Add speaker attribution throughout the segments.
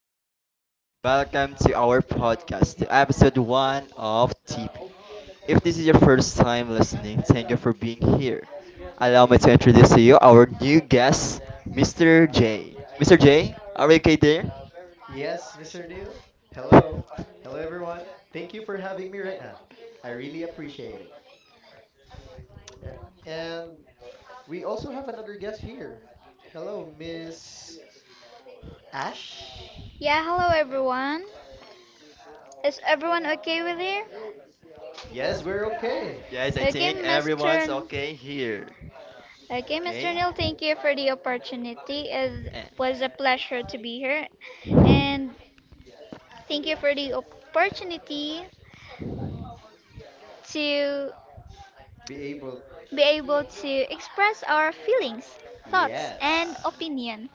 Speaker 1: everyone. Welcome to our podcast, to episode one of TP. If this is your first time listening, thank you for being here. Allow me to introduce to you our new guest, Mr. J. Mr. J, are you okay there?
Speaker 2: Yes, Mr. Neil. Hello. Hello, everyone. Thank you for having me right now. I really appreciate it. Uh, And we also have another guest here. Hello, Miss Ash.
Speaker 3: Yeah, hello everyone. Is everyone okay with you?
Speaker 2: Yes, we're okay.
Speaker 1: Yes, I
Speaker 3: Okay,
Speaker 1: think
Speaker 3: Mr.
Speaker 1: everyone's
Speaker 3: N-
Speaker 1: okay here.
Speaker 3: Okay, Mr.
Speaker 1: Okay?
Speaker 3: Neil, thank you for the opportunity. It
Speaker 1: And,
Speaker 3: was a pleasure to be here, and thank you for the opportunity to
Speaker 2: Be able.
Speaker 3: be able to express our feelings, thoughts, and
Speaker 2: Yes.
Speaker 1: uh,
Speaker 3: opinion.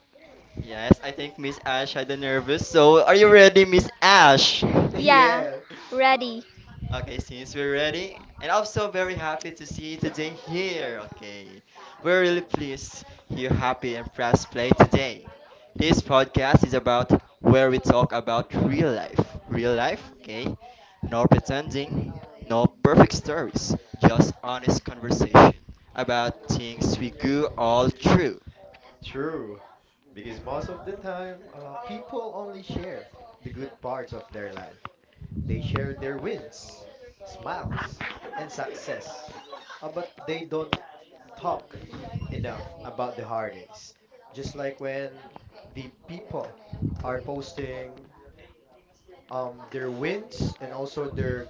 Speaker 1: yes, I think Miss Ash had a nervous. So, are you ready, Miss Ash?
Speaker 2: Yeah,
Speaker 3: Yeah, ready.
Speaker 1: Okay, since we're ready, and I'm so very happy to see you today here. Okay, we're really pleased you're happy and press play today. This podcast is about where we talk about real life. Real life, okay? No pretending, no perfect stories, just honest conversation about things we go all through.
Speaker 2: true. Because most of the time, people only share the good parts of their life. They share their wins, smiles, and success. But they don't talk enough about the holidays. Just like when the people are posting their wins and also their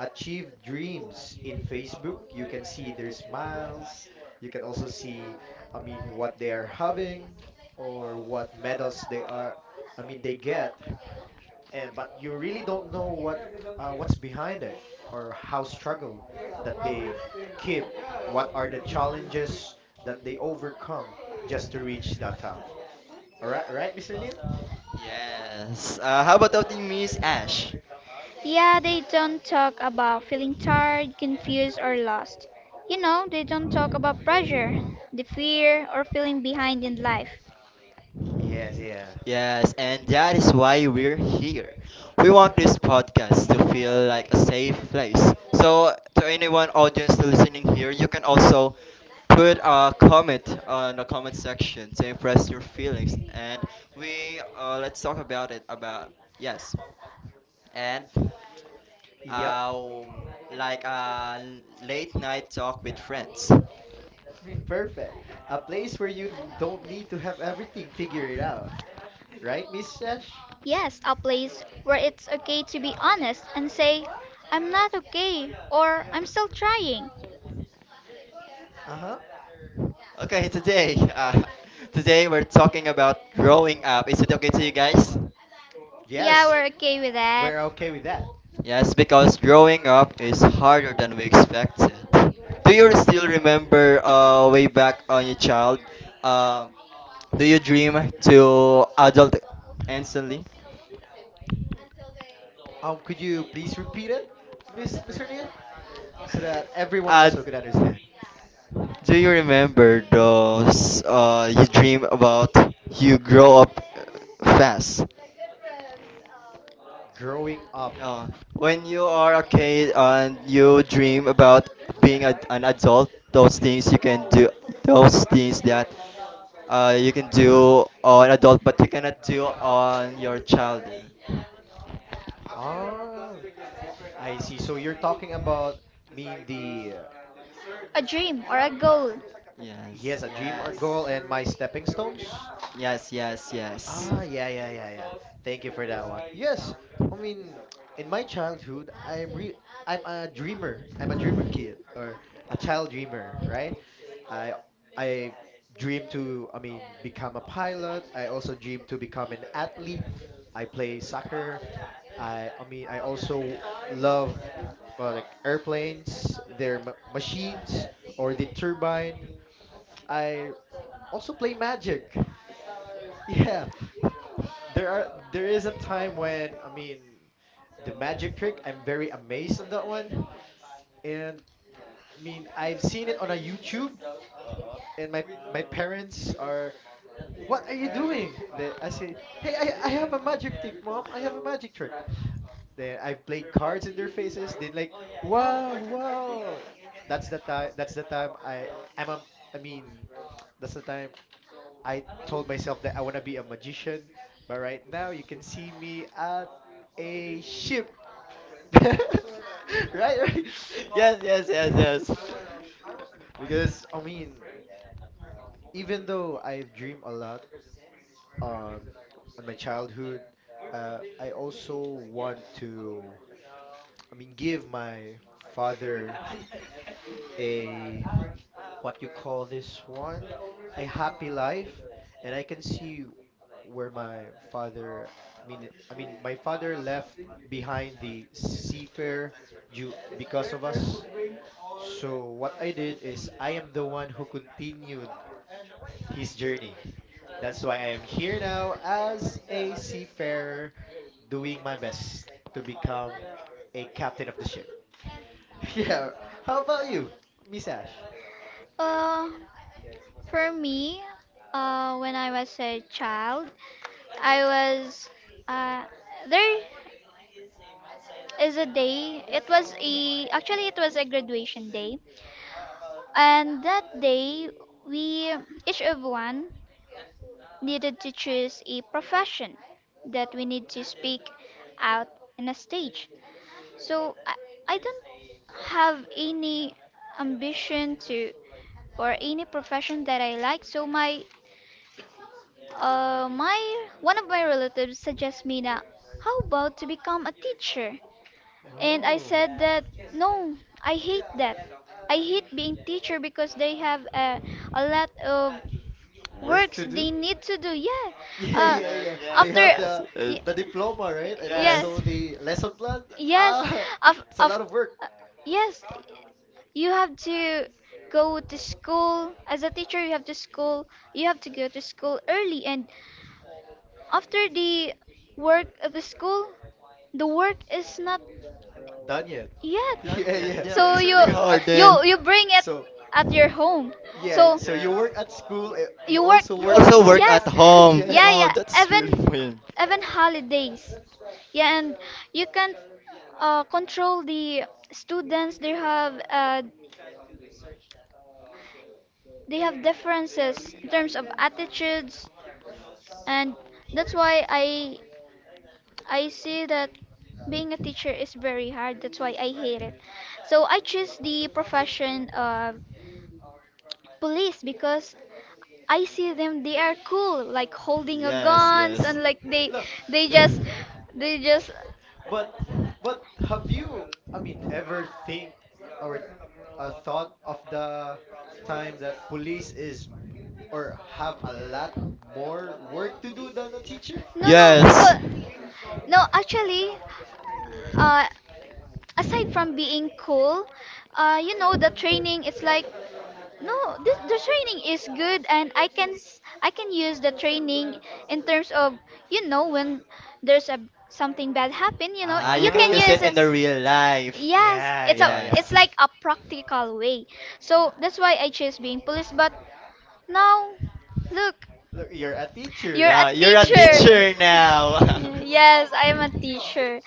Speaker 2: achieved dreams in Facebook, you can see their smiles. You can also see, what they are having or what medals they are, they get and but you really don't know what what's behind it or how struggle that they keep, what are the challenges that they overcome just to reach that top. All right, right, Mr. Neil.
Speaker 1: Yes. How about that, Miss Ash?
Speaker 3: Yeah, they don't talk about feeling tired, confused, or lost. You know, they don't talk about pressure, the fear, or feeling behind in life.
Speaker 2: Yes, yeah,
Speaker 1: Yes, and that is why we're here. We want this podcast to feel like a safe place. So, to anyone audience listening here, you can also put a comment on the comment section to express your feelings, and we let's talk about it. About Yes, and
Speaker 2: yep.
Speaker 1: um, like a late night talk with friends.
Speaker 2: Perfect. A place where you don't need to have everything figured out, right, Miss Sesh?
Speaker 3: Yes, a place where it's okay to be honest and say, I'm not okay, or I'm still trying.
Speaker 2: Uh-huh.
Speaker 1: Okay, today we're talking about growing up. Is it okay to you guys?
Speaker 3: Yeah,
Speaker 2: Yes,
Speaker 3: we're okay with that.
Speaker 2: we're okay with that.
Speaker 1: Yes, because growing up is harder than we expected. Do you still remember way back on your child? Um do you dream to adult instantly?
Speaker 2: Could you please repeat it, miss mr Neil, so that everyone
Speaker 1: Uh,
Speaker 2: also could understand
Speaker 1: do you remember those you dream about you grow up fast?
Speaker 2: growing up?
Speaker 1: No. When you are a kid and you dream about being an adult, those things you can do, those things that you can do on adult, but you cannot do on your child.
Speaker 2: Oh, I see. So you're talking about mean the
Speaker 3: A dream or a goal.
Speaker 2: he has
Speaker 1: Yes,
Speaker 2: a dream or
Speaker 1: yes,
Speaker 2: goal and my stepping stones?
Speaker 1: yes, yes, yes.
Speaker 2: Ah, yeah. Thank you for that one. Yes, I mean, in my childhood, I'm a dreamer. I'm a dreamer kid or a child dreamer, right? I I dream to, become a pilot. I also dream to become an athlete. I play soccer. I also love like airplanes, their machines, or the turbine. I also play Magic. Yeah, there is a time when the Magic trick. I'm very amazed on that one, and I've seen it on a YouTube, and my parents are. What are you doing? They, I say, hey, I have a magic trick, mom. I have a magic trick. Then I've played cards in their faces. Then like, wow, wow. That's the time. That's the time I I'm a, I mean, that's the time I told myself that I wanna be a magician. But right now, you can see me at a ship. Right,
Speaker 1: Yes, yes, yes,
Speaker 2: right.
Speaker 1: yes.
Speaker 2: Because even though I've dreamed a lot um on my childhood, I also want to give my father a, what you call this one, a happy life, and I can see where my father. My father left behind the seafarer due because of us. So what I did is I am the one who continued his journey. That's why I am here now as a seafarer, doing my best to become a captain of the ship. Yeah. How about you, Miss Ash?
Speaker 3: Uh, for me, when I was a child, I was uh, there is a day. It was a actually it was a graduation day, and that day we each of one needed to choose a profession that we need to speak out in a stage. So I don't have any ambition to or any profession that I like. So my my one of my relatives suggests me that how about to become a teacher? And I
Speaker 2: Oh,
Speaker 3: said that no, I hate that. I hate being teacher because they have a lot of
Speaker 2: work
Speaker 3: works
Speaker 2: to
Speaker 3: they
Speaker 2: do?
Speaker 3: need to do. Yeah.
Speaker 2: Yeah,
Speaker 3: Uh,
Speaker 2: yeah,
Speaker 1: Yes,
Speaker 2: yeah. They
Speaker 3: after
Speaker 2: have
Speaker 1: yes, yes.
Speaker 3: y-
Speaker 2: the diploma, right? And
Speaker 3: yes,
Speaker 1: Yes.
Speaker 2: also the lesson plan.
Speaker 3: yes,
Speaker 2: Ah, it's a
Speaker 3: of
Speaker 2: lot of work.
Speaker 3: yes, you have to go to school as a teacher. You have to school. You have to go to school early, and after the work of the school, the work is not.
Speaker 2: Done yet?
Speaker 1: Done
Speaker 2: Yeah,
Speaker 1: yet?
Speaker 2: yeah.
Speaker 3: Yeah.
Speaker 1: Yeah,
Speaker 3: So
Speaker 1: it's
Speaker 3: you
Speaker 1: really
Speaker 2: Because at
Speaker 1: hard
Speaker 3: you
Speaker 1: then.
Speaker 3: you bring it. So
Speaker 2: so
Speaker 3: at your home.
Speaker 2: yeah,
Speaker 3: So
Speaker 2: so you
Speaker 1: Yes.
Speaker 2: work at school, eh, you
Speaker 3: you work.
Speaker 2: also
Speaker 1: You
Speaker 2: work at
Speaker 1: also
Speaker 3: Oh,
Speaker 2: home.
Speaker 1: work at
Speaker 3: yes.
Speaker 1: home.
Speaker 2: Yeah.
Speaker 3: Yeah,
Speaker 1: Wow,
Speaker 3: yeah.
Speaker 1: that's really
Speaker 3: Even
Speaker 1: fun.
Speaker 3: even holidays. Yeah, and you can control the students. They have differences in terms of attitudes, and that's why I see that being a teacher is very hard. That's why I hate it. So I choose the profession of police because I see them. They are cool, like holding a
Speaker 1: Yes,
Speaker 3: guns
Speaker 1: yes.
Speaker 3: and like
Speaker 2: No,
Speaker 3: they just they just
Speaker 2: but but have you, ever think or thought of the time that police is or have a lot more work to do than a teacher?
Speaker 3: no no because
Speaker 1: yes.
Speaker 3: no actually uh aside from being cool, you know the training is like no this, the training is good and I can use the training in terms of you know when there's a something bad happen, you know
Speaker 1: Ah, you
Speaker 3: you
Speaker 1: can
Speaker 3: can
Speaker 1: use
Speaker 2: Ah,
Speaker 3: use
Speaker 1: it
Speaker 2: I
Speaker 1: in
Speaker 3: it.
Speaker 1: the
Speaker 2: see.
Speaker 1: real life.
Speaker 3: Yes,
Speaker 2: Yeah, yeah, yeah.
Speaker 3: it's
Speaker 1: Yes.
Speaker 3: like a practical way. So that's why I choose being police but now. Look,
Speaker 2: Look, you're a
Speaker 3: you're
Speaker 2: teacher.
Speaker 1: Now
Speaker 3: a
Speaker 1: you're a
Speaker 2: Yeah.
Speaker 1: teacher
Speaker 3: teacher.
Speaker 1: now.
Speaker 3: Yes, I'm a teacher.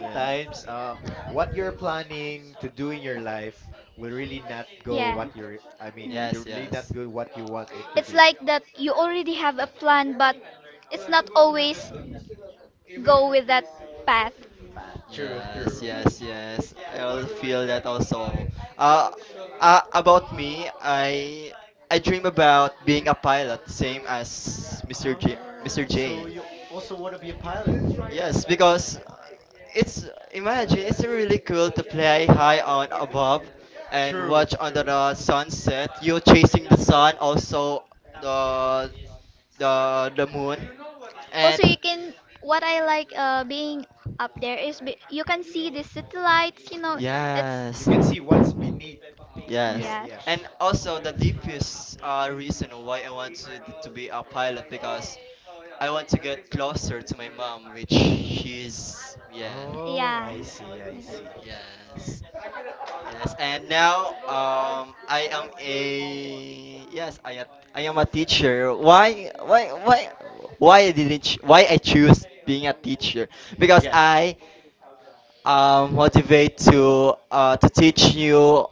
Speaker 1: Yeah.
Speaker 2: what you're planning to do in your life will really not go
Speaker 3: Yeah.
Speaker 2: what you're,
Speaker 3: Mm.
Speaker 2: you're
Speaker 1: Yes,
Speaker 2: really not
Speaker 1: yes.
Speaker 2: good what you want it to
Speaker 3: It's
Speaker 2: do.
Speaker 3: like that you already have a plan, but it's not always go with that path.
Speaker 2: Path. True,
Speaker 1: Yes,
Speaker 2: true.
Speaker 1: yes, yes. I also feel that also. Uh, about me, I dream about being a pilot, same as Mr. J, Mr.
Speaker 2: Oh, so
Speaker 1: J.
Speaker 2: you also want to be a pilot?
Speaker 1: Yes, because it's imagine it's really cool to fly high on above and
Speaker 2: True,
Speaker 1: watch under
Speaker 2: true.
Speaker 1: the sunset. You're chasing the sun, also the moon,
Speaker 3: Also,
Speaker 1: and
Speaker 3: you can, what I like being up there is be, you can see the city lights, you know.
Speaker 2: Mm, you
Speaker 1: yes,
Speaker 2: can see what's beneath. Yeah,
Speaker 1: yes,
Speaker 3: Yeah.
Speaker 2: yeah.
Speaker 1: and also the deepest reason why I want to be a pilot because I want to get closer to my mom, which she's yeah,
Speaker 2: Oh,
Speaker 3: Yeah.
Speaker 2: I see, I see.
Speaker 1: yes. Yes, and now I am a yes I am a teacher. Why I didn't ch- why I choose being a teacher? Because
Speaker 2: Yes.
Speaker 1: I motivate to teach new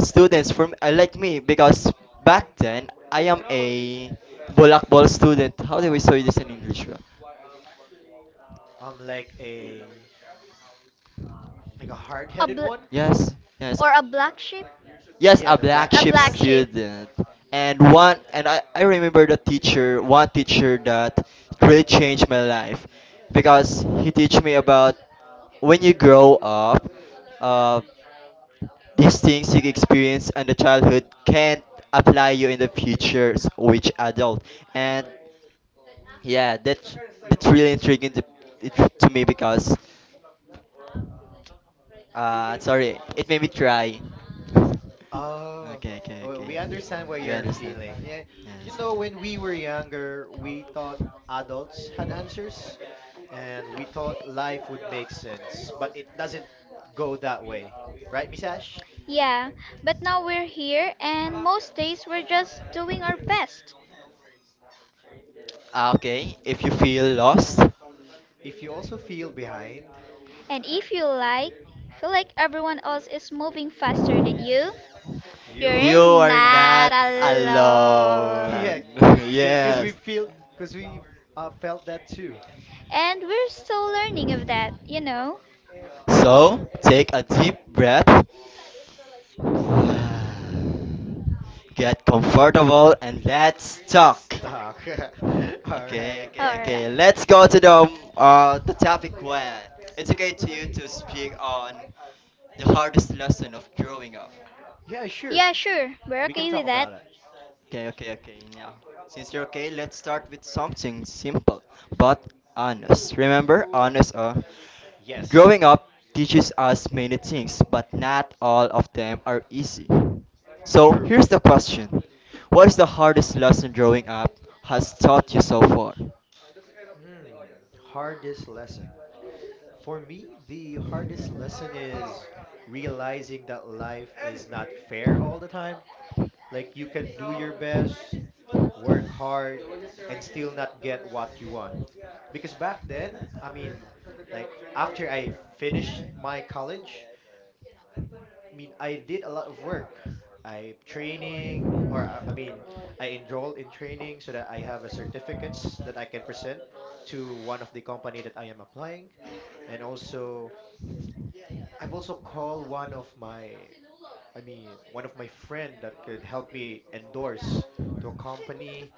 Speaker 1: students from like me because back then I am a bulakbol student. How do we say this in English?
Speaker 2: Like a like a
Speaker 3: A
Speaker 2: hard-headed
Speaker 3: bl-
Speaker 2: one?
Speaker 1: Yes, yes.
Speaker 3: Or a black sheep?
Speaker 1: Yes,
Speaker 2: Yeah,
Speaker 1: a
Speaker 2: the black
Speaker 1: black
Speaker 3: A
Speaker 2: sheep
Speaker 1: sheep
Speaker 2: one?
Speaker 3: black sheep,
Speaker 1: student. And one, and I remember the teacher, one teacher that really changed my life because he teach me about when you grow up, uh, these things you experience in the childhood can't apply you in the future which adult. And yeah, that's really intriguing to me because sorry, it made me try.
Speaker 2: Oh,
Speaker 1: Okay, okay, okay,
Speaker 2: well,
Speaker 1: okay.
Speaker 2: we understand what
Speaker 1: You
Speaker 2: you're
Speaker 1: understand?
Speaker 2: feeling. Yeah, you
Speaker 1: Yes,
Speaker 2: know,
Speaker 1: yeah.
Speaker 2: when we were younger, we thought adults had answers, and we thought life would make sense, but it doesn't go that way, right, Miss Ash?
Speaker 3: yeah. But now we're here, and most days we're just doing our best.
Speaker 1: Ah, okay, if you feel lost,
Speaker 2: If you also feel behind,
Speaker 3: And if you like, feel like everyone else is moving faster than you,
Speaker 1: you
Speaker 2: you're
Speaker 3: you're
Speaker 1: are
Speaker 2: not
Speaker 3: not
Speaker 1: not
Speaker 2: alone. Yeah,
Speaker 1: alone.
Speaker 3: alone.
Speaker 2: because we
Speaker 1: Yes.
Speaker 2: feel, because we felt that too.
Speaker 3: And we're still learning of that, you know?
Speaker 1: So, take a deep breath. Get comfortable and let's
Speaker 2: Let's
Speaker 1: talk.
Speaker 2: talk. All
Speaker 1: Okay,
Speaker 2: right.
Speaker 1: okay, okay.
Speaker 3: Alright.
Speaker 1: Let's go to the topic one. It's okay to you to speak on the hardest lesson of growing up.
Speaker 2: Yeah, sure.
Speaker 3: Yeah, sure. We're
Speaker 2: We can
Speaker 3: okay
Speaker 2: talk
Speaker 3: with that.
Speaker 2: about it.
Speaker 1: Okay, okay, okay. Yeah. Since you're okay, let's start with something simple but honest. Remember, honest.
Speaker 2: Yes,
Speaker 1: Growing up teaches us many things, but not all of them are easy. So
Speaker 2: true.
Speaker 1: here's the question: what is the hardest lesson growing up has taught you so far?
Speaker 2: Hmm. Hardest lesson. For me, the hardest lesson is realizing that life is not fair all the time. Like you can do your best, work hard, and still not get what you want. Because back then, like after I finished my college, I did a lot of work. I training, or uh, I mean, I enrolled in training so that I have a certificates that I can present to one of the company that I am applying. And also, I've also called one of my, one of my friend that could help me endorse to a company.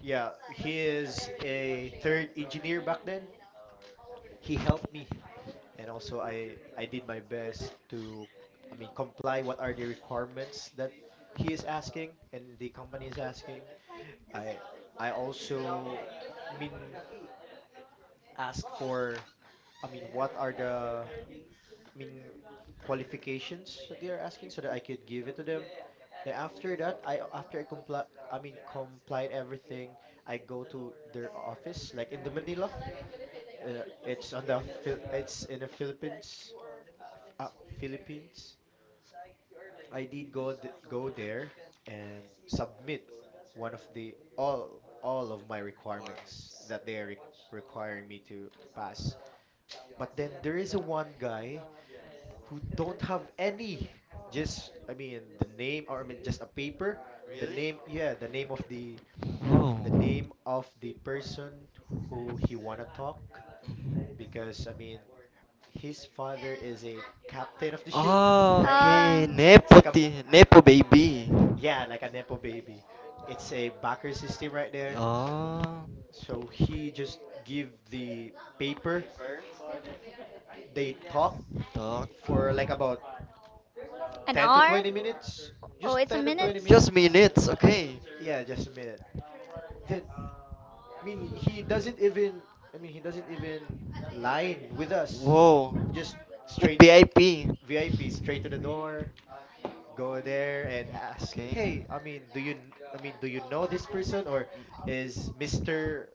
Speaker 2: Yeah, he is a third engineer back then. He helped me and also I did my best to comply what are the requirements that he is asking and the company is asking. I I also I mean ask for what are the mean qualifications that they are asking so that I could give it to them. Then after that, I comply complied everything, I go to their office like in the Manila. It's in the Philippines, Philippines. I did go th go there and submit one of the all of my requirements
Speaker 1: Requirements.
Speaker 2: that they are requiring me to pass. But then there is a one guy who don't have any. Just the name or just a paper,
Speaker 1: Really?
Speaker 2: the name of the
Speaker 1: Oh.
Speaker 2: name of the person who he wanna talk because his father is a captain of the ship,
Speaker 1: Ah,
Speaker 2: right? That
Speaker 3: Uh,
Speaker 1: okay,
Speaker 2: like a,
Speaker 1: Nepo baby.
Speaker 2: yeah, like a Nepo baby. It's a backer system right there.
Speaker 1: Yeah,
Speaker 2: So he just give the paper. They talk
Speaker 1: talk.
Speaker 2: for like about
Speaker 3: an
Speaker 2: 10 to
Speaker 3: hour?
Speaker 2: 20 minutes.
Speaker 3: Oh,
Speaker 2: Just
Speaker 3: it's a
Speaker 2: 10 to
Speaker 1: Oh,
Speaker 2: 20
Speaker 3: minute?
Speaker 1: just
Speaker 2: minutes.
Speaker 1: minutes, okay.
Speaker 2: Yeah, just a minute. Then, I mean, he doesn't even, he doesn't even line with us.
Speaker 1: Whoa,
Speaker 2: He just
Speaker 1: like
Speaker 2: straight
Speaker 1: VIP.
Speaker 2: VIP, straight to the door, go there and
Speaker 1: Mm,
Speaker 2: ask,
Speaker 1: okay.
Speaker 2: "Hey, I mean, do you, kn- I mean, do you know this person or
Speaker 1: Mm.
Speaker 2: is Mr.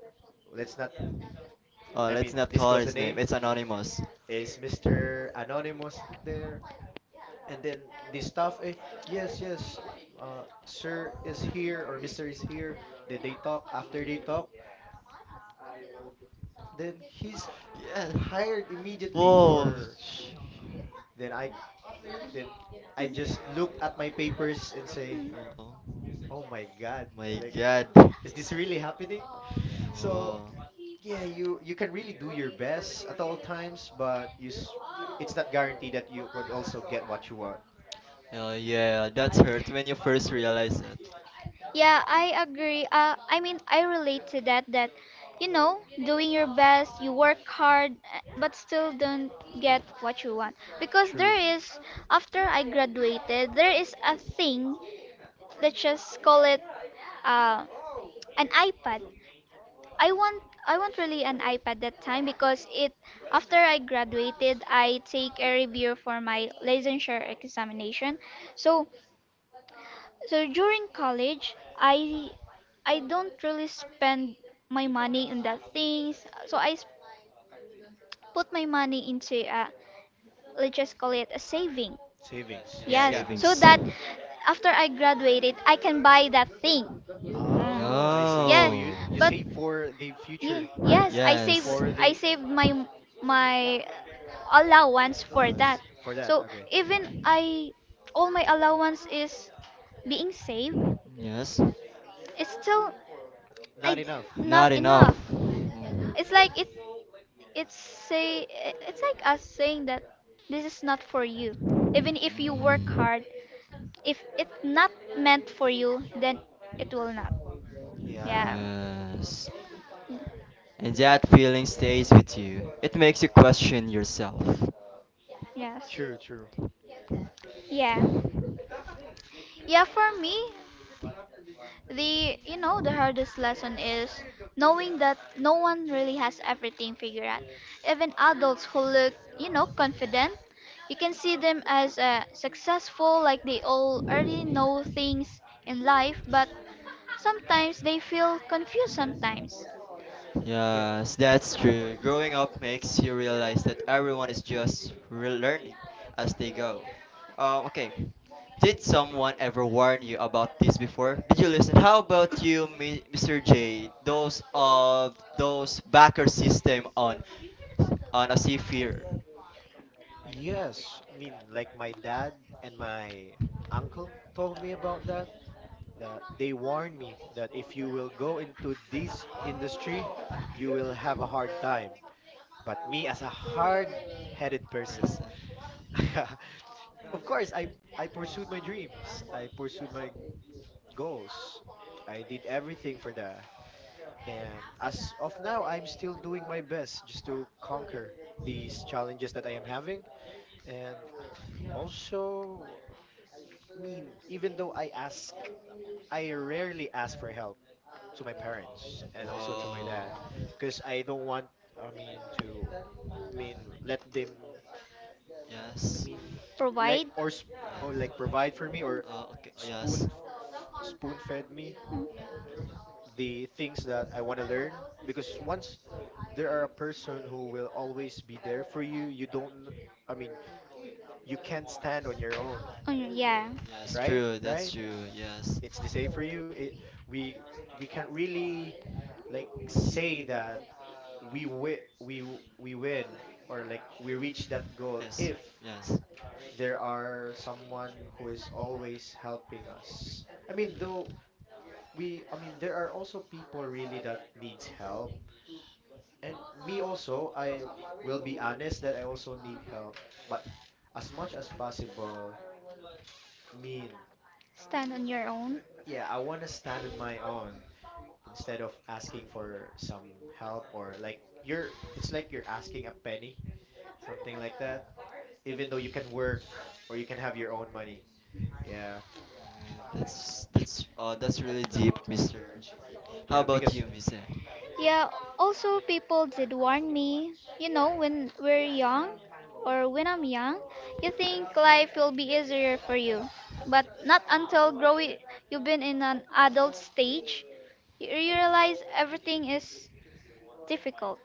Speaker 2: Let's not
Speaker 1: Oh, let's not call
Speaker 2: disclose the
Speaker 1: his name.
Speaker 2: name,
Speaker 1: It's anonymous.
Speaker 2: is Mr. Anonymous there? And then the staff, eh, yes, yes, sir is here or Mr. is here. Then they talk. After they talk, then he's
Speaker 1: Yeah.
Speaker 2: hired immediately.
Speaker 1: Whoa.
Speaker 2: Or
Speaker 1: sh-
Speaker 2: then I then I just look at my papers and say,
Speaker 3: Hmm.
Speaker 1: Oh
Speaker 2: oh my God,
Speaker 1: my
Speaker 2: like
Speaker 1: God.
Speaker 2: is this really happening? So
Speaker 1: Whoa.
Speaker 2: yeah, you can really do your best at all times, but it's not guaranteed that you could also get what you want.
Speaker 1: Oh yeah, that's hurt when you first realize it.
Speaker 3: Yeah, I agree. I mean, I relate to that, you know, doing your best, you work hard, but still don't get what you want. Because there
Speaker 2: True.
Speaker 3: is, after I graduated, there is a thing, let's just call it uh, an iPad. I want I want really an iPad that time because it after I graduated I take a review for my licensure examination. So so during college, I don't really spend my money on that things. Put my money into let's just call it a saving.
Speaker 2: Savings. Yeah,
Speaker 3: Yes,
Speaker 2: yeah.
Speaker 3: so
Speaker 1: Savings.
Speaker 3: that after I graduated, I can buy that thing. Mm.
Speaker 2: Oh, I see. So
Speaker 3: Yeah,
Speaker 2: you
Speaker 1: No.
Speaker 2: you
Speaker 3: but
Speaker 2: save for the future
Speaker 3: Ye-
Speaker 2: or
Speaker 3: yes, I save
Speaker 1: Yes.
Speaker 2: for
Speaker 3: I
Speaker 2: the
Speaker 3: saved my my allowance for that.
Speaker 2: allowance for that.
Speaker 3: So
Speaker 2: Okay.
Speaker 3: even I all my allowance is being saved,
Speaker 1: Yes.
Speaker 3: it's still I
Speaker 2: Not
Speaker 3: d-
Speaker 2: enough.
Speaker 1: Not
Speaker 3: not
Speaker 1: enough.
Speaker 3: enough.
Speaker 1: Mm.
Speaker 3: It's like it it's like us saying that this is not for you. Even if you work
Speaker 1: Mm.
Speaker 3: hard, if it's not meant for you, then it will not. Yeah.
Speaker 2: Yeah.
Speaker 1: Yes. And that feeling stays with you. It makes you question yourself.
Speaker 3: Yes.
Speaker 2: True, true.
Speaker 3: Yeah. Yeah, for me, the you know the hardest lesson is knowing that no one really has everything figured out, even adults who look you know confident. You can see them as successful, like they all already know things in life, but sometimes they feel confused sometimes.
Speaker 2: Yeah.
Speaker 1: Yes, that's true. Growing up makes you realize that everyone is just learning as they go. Okay, did someone ever warn you about this before? Did you listen? How about you, Mr. J? Those backer system on a seafarer
Speaker 2: Yes, like my dad and my uncle told me about that that they warned me that if you will go into this industry, you will have a hard time. But me as a hard-headed person,
Speaker 1: person.
Speaker 2: of course, I pursued my dreams. I pursued my goals. I did everything for that. And as of now, I'm still doing my best just to conquer these challenges that I am having. And also, even though I ask, I rarely ask for help to my parents
Speaker 1: Mm,
Speaker 2: and also to my
Speaker 1: wow.
Speaker 2: dad because I don't want, I mean, to, let them, I
Speaker 1: Yes.
Speaker 2: mean, like
Speaker 3: Provide.
Speaker 2: or sp- or like
Speaker 1: Yes.
Speaker 2: provide for me or
Speaker 1: Okay. Yes.
Speaker 2: spoon fed me
Speaker 3: Mm.
Speaker 2: the things that I want to learn because once there are a person who will always be there for you, you don't kn- I mean, you can't stand on your own,
Speaker 3: Mm, yeah.
Speaker 1: Yes. Yes.
Speaker 2: right?
Speaker 1: True. That's
Speaker 2: Right?
Speaker 1: true. Yes.
Speaker 2: It's the same for you. It, we we can't really like say that we win or like we reach that goal
Speaker 1: Yes,
Speaker 2: if
Speaker 1: yes.
Speaker 2: there are someone who is always helping us. I mean, though we, I mean, there are also people really that needs help. And me also, I will be honest that I also need help. But as much as possible, I mean,
Speaker 3: Stand on your own.
Speaker 2: yeah, I want to stand on my own instead of asking for some help or like you're, it's like you're asking a penny, something like that. Even though you can work or you can have your own money. Yeah.
Speaker 1: That's really deep, Mr. J. How
Speaker 2: Yeah,
Speaker 1: about
Speaker 2: because
Speaker 1: you, Miss Anne?
Speaker 3: Yeah, also people did warn me, you know, when we're young or when I'm young, you think life will be easier for you. But not until growing you've been in an adult stage, you realize everything is difficult.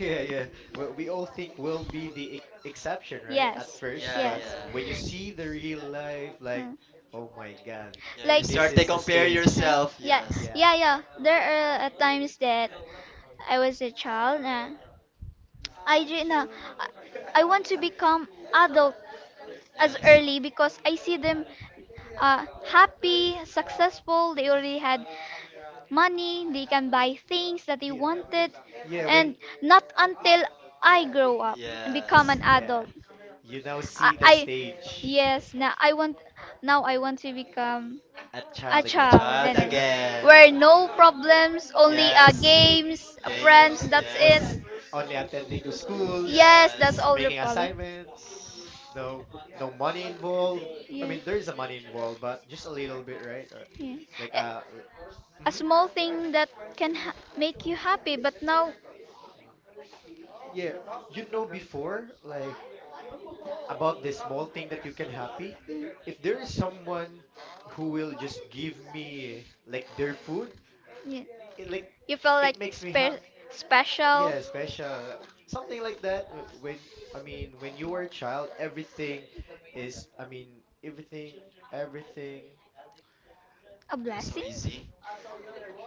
Speaker 2: yeah, yeah. Well, we all think we'll be the ex exception, right? At
Speaker 3: Yes.
Speaker 2: first,
Speaker 1: Yeah,
Speaker 2: but
Speaker 3: Yes.
Speaker 2: when you
Speaker 1: yeah.
Speaker 2: see the real life, like,
Speaker 3: Mm.
Speaker 2: oh my God,
Speaker 1: Yeah, you
Speaker 3: Like yeah,
Speaker 2: this
Speaker 1: start to
Speaker 2: is the
Speaker 1: compare
Speaker 2: stage.
Speaker 1: yourself.
Speaker 3: yeah,
Speaker 1: Yes.
Speaker 2: Yeah.
Speaker 3: yeah. There are times that I was a child. Irina, I, I want to become adult as
Speaker 1: Yes.
Speaker 3: early because I see them happy, successful. They already had money. They can buy things that they
Speaker 2: Yeah.
Speaker 3: wanted,
Speaker 2: Yeah, when,
Speaker 3: and not until I grow up and become
Speaker 1: Yes.
Speaker 3: an
Speaker 2: yeah.
Speaker 3: adult.
Speaker 2: You now see the
Speaker 3: I
Speaker 2: stage
Speaker 3: yes now I want to become
Speaker 2: at
Speaker 3: a
Speaker 2: child
Speaker 1: A
Speaker 2: again.
Speaker 3: child
Speaker 1: child
Speaker 3: and then
Speaker 1: again.
Speaker 3: where no problems, only
Speaker 2: Oh,
Speaker 1: Yes.
Speaker 3: games,
Speaker 2: yeah.
Speaker 3: friends,
Speaker 1: Games.
Speaker 3: that's
Speaker 2: On
Speaker 3: it.
Speaker 1: Yes.
Speaker 2: only attending to schools,
Speaker 3: Yes, that's
Speaker 1: Yes.
Speaker 3: all the
Speaker 2: making
Speaker 3: problem.
Speaker 2: assignments, no no money involved.
Speaker 3: Yeah.
Speaker 2: There is a money involved, but just a little bit, right? Or
Speaker 3: Yeah.
Speaker 2: like
Speaker 3: A,
Speaker 1: Mm.
Speaker 3: a
Speaker 2: mm
Speaker 3: small thing that make you happy, but now
Speaker 2: yeah, before, like, about this small thing that you can happy. If there is someone who will just give me like their food,
Speaker 3: yeah,
Speaker 2: it like
Speaker 3: you feel
Speaker 2: it
Speaker 3: like
Speaker 2: makes me happy.
Speaker 3: special.
Speaker 2: Yeah, special. Something like that. When, I mean, when you were a child, everything is, I mean, everything.
Speaker 3: A
Speaker 1: Feels so
Speaker 3: blessing?
Speaker 1: easy.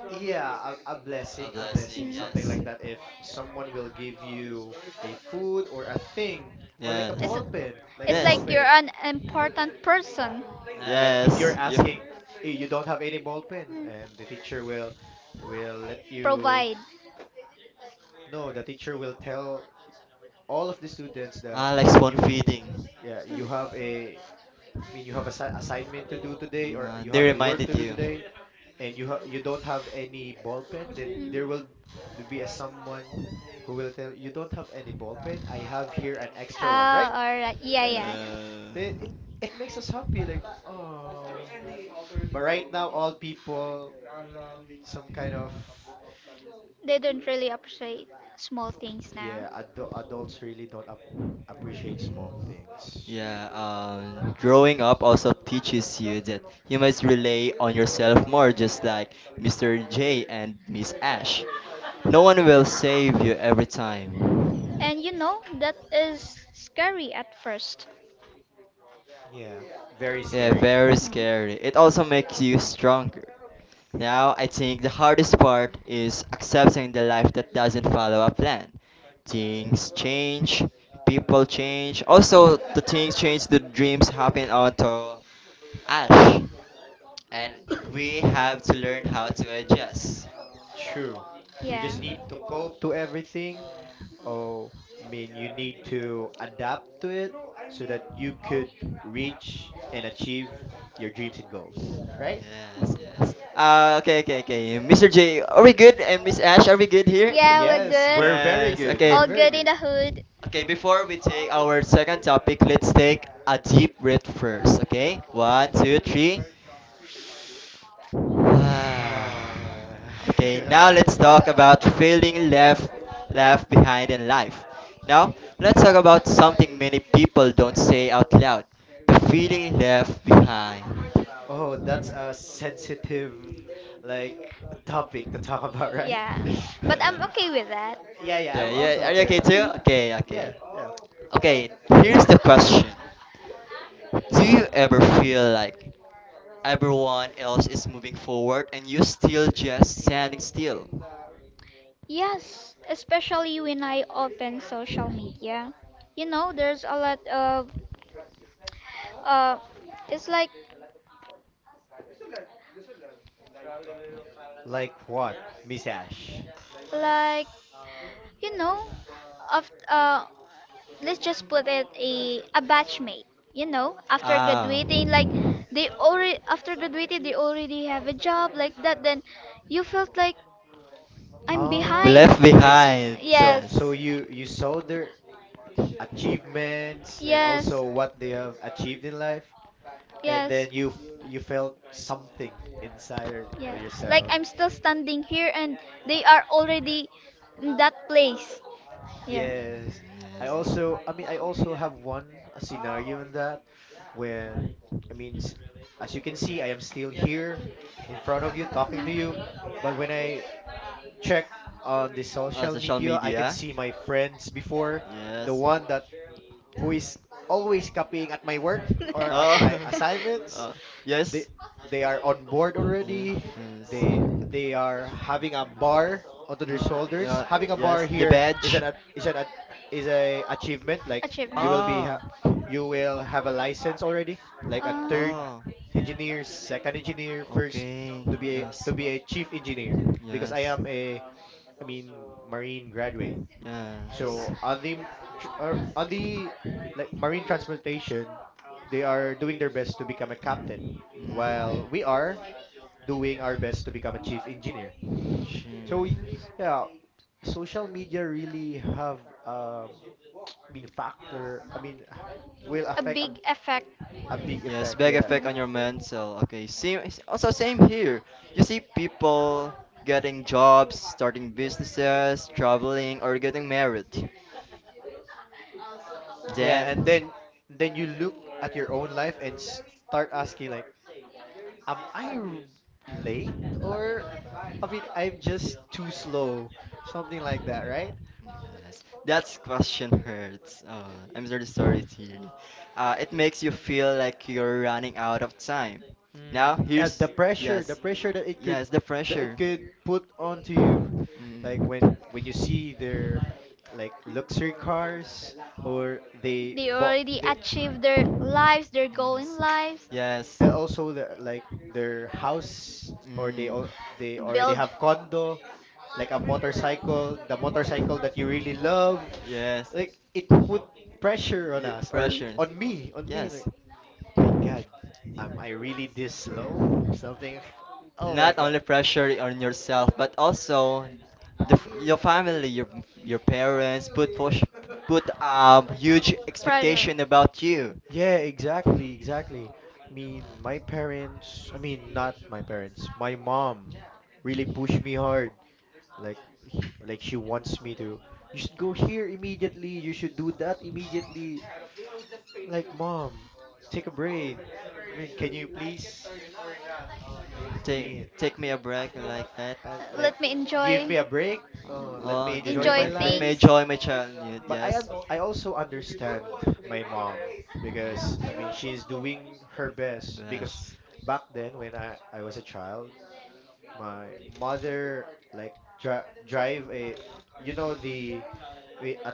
Speaker 2: Yeah, a
Speaker 1: A
Speaker 2: blessing, a
Speaker 1: blessing,
Speaker 2: blessing, something
Speaker 1: yes.
Speaker 2: like that. If someone will give you a food or a thing, or like a
Speaker 1: Yes.
Speaker 2: ball pen, like a
Speaker 3: It's
Speaker 2: ball
Speaker 1: Yes.
Speaker 3: like you're
Speaker 2: pen.
Speaker 3: open an important person.
Speaker 2: Like if you're
Speaker 1: Yes. You
Speaker 2: asking, "Eh, you don't have any ball pen,
Speaker 3: Mm.
Speaker 2: and the teacher will let you
Speaker 3: Provide.
Speaker 2: know. The teacher will tell all of the students that
Speaker 1: Alex one
Speaker 2: you,
Speaker 1: feeding.
Speaker 2: yeah, you have
Speaker 3: Mm.
Speaker 2: a mean, you have a assignment to do today, or
Speaker 1: Nah,
Speaker 2: you
Speaker 1: they
Speaker 2: have a work
Speaker 1: reminded
Speaker 2: to do
Speaker 1: you.
Speaker 2: today, and you don't have any ball pen,
Speaker 3: Mm.
Speaker 2: then there will be a someone who will tell you don't have any ball pen. I have here an extra one,
Speaker 3: Oh,
Speaker 2: right?
Speaker 3: alright. Yeah,
Speaker 2: Right?
Speaker 3: yeah.
Speaker 2: Oh, it's-
Speaker 1: Uh,
Speaker 2: They, it makes us happy, like oh. But right now, all people, some kind of.
Speaker 3: They don't really appreciate small things now.
Speaker 2: Yeah, adults really don't appreciate small things.
Speaker 1: yeah, growing up also teaches you that you must rely on yourself more, just like Mr. J and Miss Ash. No one will save you every time.
Speaker 3: And you know, that is scary at first.
Speaker 2: Yeah, very
Speaker 1: Yeah,
Speaker 2: scary.
Speaker 1: very scary. It also makes you stronger. Now, I think the hardest part is accepting the life that doesn't follow a plan. Things change, people change. Also, the things change, the dreams happen onto Ash. And we have to learn how to adjust.
Speaker 2: True.
Speaker 3: You
Speaker 2: You just need
Speaker 3: yeah.
Speaker 2: to
Speaker 1: Yeah.
Speaker 2: cope to everything. Oh, I mean, you need to adapt to it so that you could reach and achieve your dreams and goals, right?
Speaker 1: Yes, yes. Okay, okay, okay. Mr. J, are we good? And Miss Ash, are we good here?
Speaker 3: Yeah, we're
Speaker 2: Yes, we're
Speaker 3: good.
Speaker 2: very
Speaker 1: Yes.
Speaker 2: good.
Speaker 1: Okay.
Speaker 2: We're
Speaker 3: All
Speaker 2: very
Speaker 3: good in
Speaker 2: good.
Speaker 3: the hood.
Speaker 1: Okay, before we take our second topic, let's take a deep breath first. Okay, one, two, three.
Speaker 2: Uh,
Speaker 1: Okay, now let's talk about feeling left behind in life. Now let's talk about something many people don't say out loud: the feeling left behind.
Speaker 2: oh, that's a sensitive, like, topic to talk about, right?
Speaker 3: Yeah, but I'm okay with that.
Speaker 2: Yeah, yeah,
Speaker 1: Yeah, yeah,
Speaker 2: I'm also
Speaker 1: yeah. Are you
Speaker 2: okay with
Speaker 1: okay too?
Speaker 2: that. Uh,
Speaker 1: Okay, okay.
Speaker 2: yeah, yeah.
Speaker 1: Okay, here's the question: do you ever feel like everyone else is moving forward and you still just standing still?
Speaker 3: Yes, especially when I open social media. You know, there's a lot of uh it's like
Speaker 2: Like what, Miss Ash?
Speaker 3: like you know, of let's just put it a batchmate, you know, after
Speaker 1: Ah.
Speaker 3: graduating like they already after graduating they already have a job like that. Then you felt like I'm
Speaker 2: Oh,
Speaker 1: Left
Speaker 3: behind.
Speaker 2: I see.
Speaker 1: behind.
Speaker 2: So,
Speaker 1: Yes.
Speaker 3: Yes.
Speaker 2: so you saw their achievements and
Speaker 3: Yes.
Speaker 2: also what they have achieved in life, and
Speaker 3: Yes.
Speaker 2: then you felt something inside of
Speaker 3: Yes. Like
Speaker 2: yourself.
Speaker 3: I'm still standing here and they are already in that place. Yeah.
Speaker 2: Yes,
Speaker 1: Mm,
Speaker 2: I
Speaker 1: yes.
Speaker 2: also, I mean, I also have one, a scenario in that. When, I mean, as you can see, I am still here in front of you talking to you. But when I check on the social
Speaker 1: Social
Speaker 2: media, I can
Speaker 1: media.
Speaker 2: see my friends before, the
Speaker 1: Yes.
Speaker 2: one that who is always copying at my work or at my
Speaker 1: Oh.
Speaker 2: assignments.
Speaker 1: uh,
Speaker 2: they
Speaker 1: yes.
Speaker 2: they are on board
Speaker 1: Yeah,
Speaker 2: already.
Speaker 1: yes.
Speaker 2: They they are having a bar onto
Speaker 1: Mm,
Speaker 2: their
Speaker 1: mm, yeah,
Speaker 2: shoulders. Having a bar
Speaker 1: yes. The
Speaker 2: here is an
Speaker 1: badge.
Speaker 2: a- is an a- is a achievement. Like you
Speaker 3: Achievement.
Speaker 2: will be
Speaker 1: Ah.
Speaker 2: ha- you will have a license already, like a
Speaker 3: Uh,
Speaker 2: third
Speaker 1: Oh,
Speaker 2: engineer, second engineer, first
Speaker 1: okay.
Speaker 2: to be a,
Speaker 1: Yes.
Speaker 2: to be a chief engineer. Because I
Speaker 1: Yes.
Speaker 2: am a I mean, marine graduate.
Speaker 1: Yes.
Speaker 2: So on the m- tr- or on the, like, marine transportation, they are doing their best to become a captain, while
Speaker 1: Mm.
Speaker 2: we are doing our best to become a chief engineer.
Speaker 1: Jeez.
Speaker 2: So yeah, social media really have um I mean, factor. I mean, will
Speaker 3: a
Speaker 2: affect a,
Speaker 3: big effect.
Speaker 2: a big
Speaker 1: Yes,
Speaker 2: effect.
Speaker 1: big
Speaker 2: Yeah,
Speaker 1: effect on your mental. Okay, same. It's also, same here. You see people getting jobs, starting businesses, traveling, or getting married.
Speaker 2: yeah, and
Speaker 1: Then,
Speaker 2: then you look at your own life and start asking, like, am late, or, I mean, I'm just too slow, something like that, right?
Speaker 1: mm, yes, that question hurts. I'm really sorry to hear it. It makes you feel like you're running out of time. Now,
Speaker 2: The
Speaker 1: here's
Speaker 2: pressure, the
Speaker 1: yes,
Speaker 2: pressure that it could
Speaker 1: yes, the
Speaker 2: that it
Speaker 1: pressure.
Speaker 2: could put onto you, like
Speaker 1: Mm,
Speaker 2: when you see their, like, luxury cars, or they
Speaker 3: They
Speaker 2: bought
Speaker 3: already
Speaker 2: they
Speaker 3: achieved their lives, their goal in
Speaker 1: yes,
Speaker 3: lives.
Speaker 1: yes.
Speaker 2: and also the, like, their house, or they
Speaker 1: Mm.
Speaker 2: al- they already
Speaker 3: Build
Speaker 2: have condo, like a motorcycle, the motorcycle that you really love.
Speaker 1: Yes.
Speaker 2: Like it put pressure on
Speaker 1: Ye-
Speaker 2: us or
Speaker 1: pressures.
Speaker 2: on me, on me.
Speaker 1: Yes.
Speaker 2: Like my God, am I really this slow? Something. Oh my
Speaker 1: Not
Speaker 2: God.
Speaker 1: only pressure on yourself, but also your family, your parents put huge
Speaker 3: pressure.
Speaker 1: expectation about you.
Speaker 2: Yeah, exactly, exactly. I mean, my parents, I mean, not my parents, my mom really pushed me hard. Like, like she wants me to, you should go here immediately, you should do that immediately. Like, mom, take a break. I mean, can you please?
Speaker 1: Mm,
Speaker 2: I mean,
Speaker 1: take me a break like that.
Speaker 2: like,
Speaker 3: Let me
Speaker 2: give
Speaker 3: enjoy
Speaker 2: me a break. Let
Speaker 1: Oh,
Speaker 2: me
Speaker 1: give me
Speaker 2: enjoy
Speaker 1: a
Speaker 2: my
Speaker 3: enjoy
Speaker 1: break. Let
Speaker 2: life.
Speaker 1: me
Speaker 3: things.
Speaker 1: enjoy my childhood.
Speaker 2: But
Speaker 1: Yes.
Speaker 2: I also understand my mom, because I
Speaker 1: Mm.
Speaker 2: mean she's doing her best, because
Speaker 1: Best.
Speaker 2: back then when I was a child, my mother, like, dri drive a, the a, a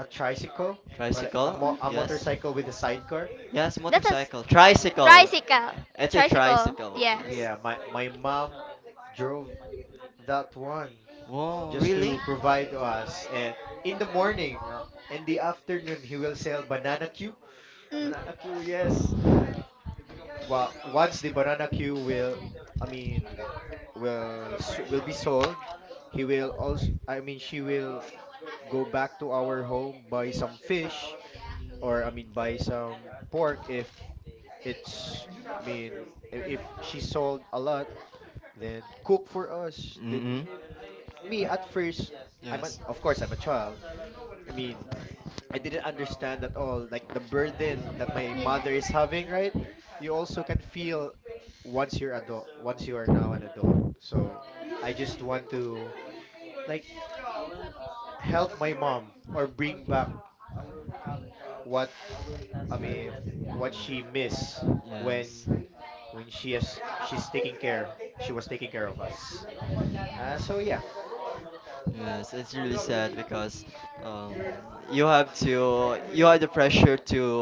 Speaker 2: a tricycle, or like
Speaker 1: Tricycle.
Speaker 2: a
Speaker 1: Yes.
Speaker 2: motorcycle with a sidecar.
Speaker 1: Yes,
Speaker 3: That's a s-
Speaker 1: motorcycle.
Speaker 3: Tricycle.
Speaker 1: Tricycle.
Speaker 3: tricycle. A Tricycle.
Speaker 1: It's a
Speaker 3: Tricycle.
Speaker 1: tricycle.
Speaker 3: Yeah.
Speaker 1: Yes.
Speaker 2: Yeah,
Speaker 3: Yeah,
Speaker 2: my mom drove that one
Speaker 1: Wow,
Speaker 2: just
Speaker 1: really?
Speaker 2: to provide to us. And in the morning, uh, in the afternoon, he will sell banana Q.
Speaker 3: Mm.
Speaker 2: Banana Q,
Speaker 3: yes.
Speaker 2: yes. Well, once the banana Q I mean, will be sold, he will also, I mean, she will go back to our home, buy some fish, or I mean, buy some pork if it's, I mean, if she sold a lot, then cook for us. Then
Speaker 1: Mm-hmm.
Speaker 2: me at first,
Speaker 1: Yes.
Speaker 2: of course I'm a child. I mean, I didn't understand at all, like the burden that my mother
Speaker 3: Yeah.
Speaker 2: is having, right? You also can feel once you're adult, once you are now an adult. So I just want to, like, help my mom or bring back what, I mean, what she missed
Speaker 1: Yes,
Speaker 2: when she's taking care, she was taking care of us. So yeah,
Speaker 1: yes, it's really sad because um, you have the pressure to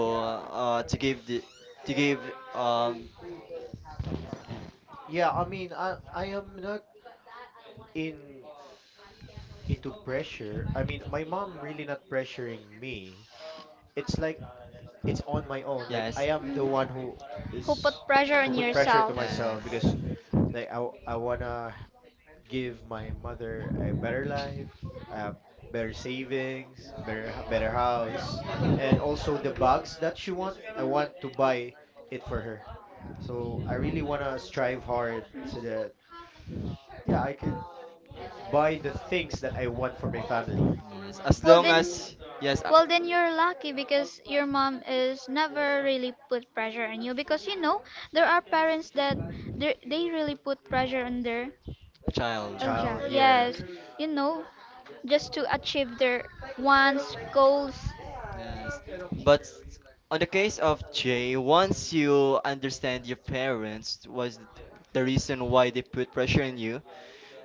Speaker 1: uh, to give to give um
Speaker 2: yeah. I mean, I am not in into pressure. I mean, my mom really not pressuring me. It's like it's on my own. Like I
Speaker 1: yes,
Speaker 2: am the one
Speaker 3: Mm. Who put
Speaker 2: is
Speaker 3: pressure
Speaker 2: who
Speaker 3: on
Speaker 2: put pressure to
Speaker 3: yourself?
Speaker 2: myself,
Speaker 1: yes,
Speaker 2: because like I wanna give my mother a better life, uh, better savings, better house, and also the bags that she want. I want to buy it for her. So I really wanna strive hard so that, yeah, I could buy the things that I want for my family.
Speaker 1: yes, as
Speaker 2: Mm,
Speaker 3: Well
Speaker 1: long
Speaker 3: then,
Speaker 1: as,
Speaker 3: yes
Speaker 1: yes, a
Speaker 3: well then you're lucky because your mom is never really put pressure on you because you know there are parents that they really put pressure on their.
Speaker 1: child.
Speaker 3: Oh,
Speaker 2: child,
Speaker 3: child.
Speaker 2: yeah.
Speaker 3: Yes. You know, just to achieve their wants, goals.
Speaker 1: Yes. But on the case of Jay, once you understand your parents was the reason why they put pressure on you,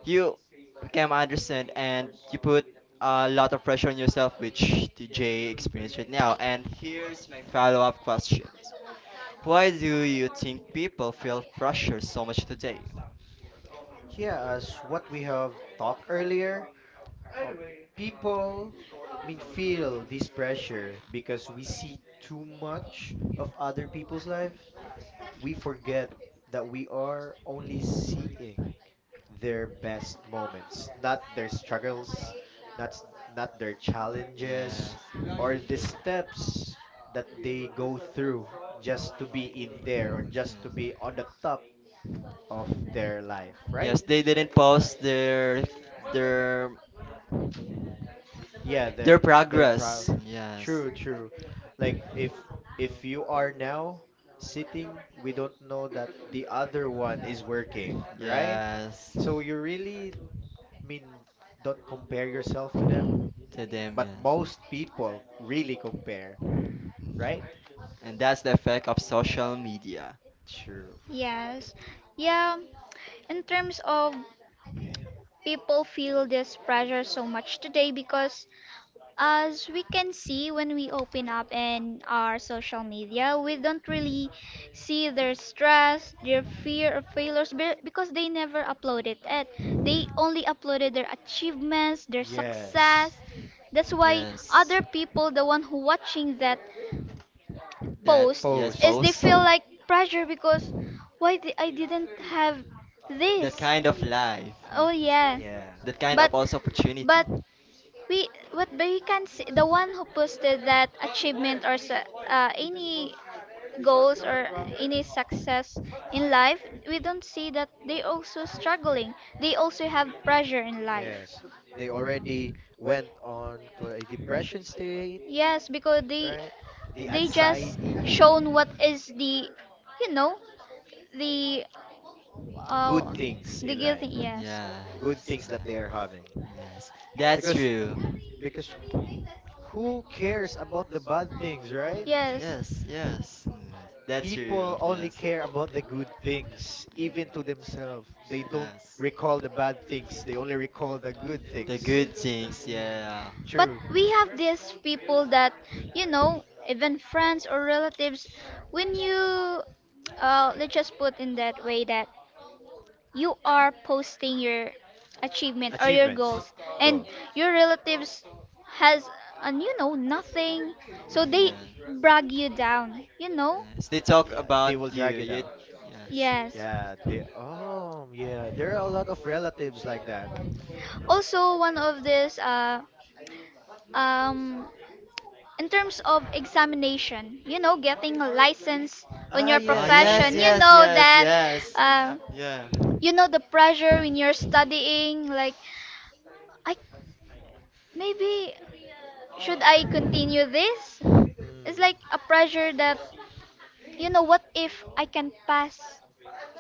Speaker 1: you became understand and you put a lot of pressure on yourself, which the Jay experienced right now. And here's my follow-up questions. Why do you think people feel pressure so much today?
Speaker 2: Yeah, as what we have talked earlier, Uh, people, I mean, feel this pressure because we see too much of other people's lives. We forget that we are only seeing their best moments, not their struggles, not their challenges
Speaker 1: Yes.
Speaker 2: or the steps that they go through just to be in there or just to
Speaker 1: Yes.
Speaker 2: be on the top of their life, right?
Speaker 1: Yes, they didn't post their
Speaker 2: Yeah,
Speaker 1: their
Speaker 2: they're
Speaker 1: progress.
Speaker 2: progress.
Speaker 1: Yes.
Speaker 2: True, true. Like if you are now sitting, we don't know that the other one is working, right?
Speaker 1: Yes,
Speaker 2: So you really, I mean, don't compare yourself to them,
Speaker 1: to them,
Speaker 2: but
Speaker 1: yes.
Speaker 2: most people really compare, right?
Speaker 1: And that's the effect of social media.
Speaker 2: True.
Speaker 3: Yes. Yeah, in terms of people feel this pressure so much today because as we can see when we open up in our social media, we don't really see their stress, their fear of failures because they never uploaded it. They only uploaded their achievements, their
Speaker 2: Yes.
Speaker 3: success. That's why
Speaker 1: Yes,
Speaker 3: other people, the one who watching that
Speaker 1: that,
Speaker 3: post
Speaker 1: yes,
Speaker 2: Post.
Speaker 3: is they
Speaker 1: post.
Speaker 3: feel like pressure because I didn't have
Speaker 1: That
Speaker 3: this.
Speaker 1: kind of life,
Speaker 3: Oh
Speaker 1: yes.
Speaker 3: yeah.
Speaker 2: Yeah.
Speaker 1: That kind of
Speaker 3: But
Speaker 1: also opportunity.
Speaker 3: but we what but you can see the one who posted that achievement or any goals or any success in life, we don't see that they also struggling. They also have pressure in life.
Speaker 2: Yes, they already went on to a depression state,
Speaker 3: Yes, because they
Speaker 2: right? The
Speaker 3: they just
Speaker 2: anxiety,
Speaker 3: shown what is the you know the
Speaker 2: good
Speaker 3: uh,
Speaker 2: things
Speaker 3: the
Speaker 2: in
Speaker 3: guilty,
Speaker 2: life,
Speaker 3: yes.
Speaker 2: good
Speaker 1: Yes,
Speaker 2: things that they are having.
Speaker 1: yeah, yes. That's
Speaker 2: Because
Speaker 1: true.
Speaker 2: because who cares about the bad things,
Speaker 1: Mm,
Speaker 2: right?
Speaker 3: Yes.
Speaker 1: yes, yes, yes. That's true,
Speaker 2: People only
Speaker 1: yes.
Speaker 2: care about the good things, even to
Speaker 1: Mm,
Speaker 2: themselves. They don't
Speaker 1: yes.
Speaker 2: recall the bad things. They only recall the good
Speaker 1: The
Speaker 2: things.
Speaker 1: good things, yeah.
Speaker 3: But
Speaker 2: True.
Speaker 3: true, we have these people that, you know, even friends or relatives, when you, let's just put in that way that you are posting your achievement or your
Speaker 2: Achievements,
Speaker 3: goals, and
Speaker 2: goals.
Speaker 3: your relatives has, and you know, nothing, so
Speaker 1: Mm,
Speaker 3: they
Speaker 1: yes.
Speaker 3: brag you down, you know?
Speaker 1: Yes, they talk
Speaker 2: Yeah,
Speaker 1: about
Speaker 2: they will
Speaker 1: you,
Speaker 2: drag you
Speaker 1: you,
Speaker 2: down.
Speaker 1: yes.
Speaker 3: Yes.
Speaker 2: Yeah, they oh yeah, there are a lot of relatives like that. Um,
Speaker 3: Also one of this um, in terms of examination, you know getting a license on
Speaker 2: Ah
Speaker 3: your
Speaker 1: Oh,
Speaker 2: yeah, yeah, yeah,
Speaker 1: yes,
Speaker 3: profession, you
Speaker 2: yeah.
Speaker 1: yes,
Speaker 3: know
Speaker 1: yes,
Speaker 3: that
Speaker 1: yes.
Speaker 3: uh,
Speaker 1: Yeah.
Speaker 3: you know the pressure when you're studying, like I maybe should I continue this. It's
Speaker 2: Mm,
Speaker 3: like a pressure that you know what if I can pass,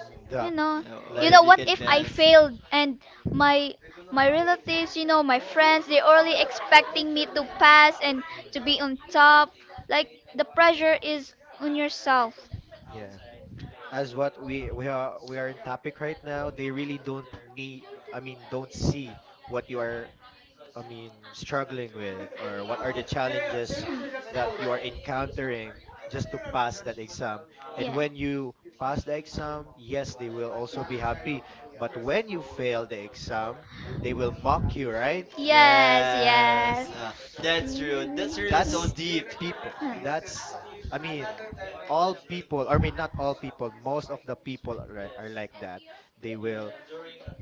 Speaker 2: mm,
Speaker 3: you
Speaker 2: the
Speaker 3: know,
Speaker 1: What
Speaker 3: you
Speaker 2: like.
Speaker 3: know
Speaker 1: if you
Speaker 3: what
Speaker 1: can
Speaker 3: if I
Speaker 1: pass?
Speaker 3: failed and my my relatives, you know my friends, they're only expecting me to pass and to be
Speaker 2: Mm,
Speaker 3: on top. Like the pressure is on yourself.
Speaker 2: yeah. As what we are in topic right now, they really don't need I mean, don't see what you are, I mean, struggling with, or what are the challenges that you are encountering just to pass that exam? And
Speaker 3: Yeah.
Speaker 2: when you pass the exam, yes, they will also be happy. But when you fail the exam, they will mock you, right?
Speaker 3: Yes,
Speaker 2: Mm,
Speaker 3: yes.
Speaker 1: Yes. That's true. That's really so
Speaker 2: that's
Speaker 1: deep.
Speaker 2: people. That's, I mean, all people, I mean, not all people, most of the people are like that. They will,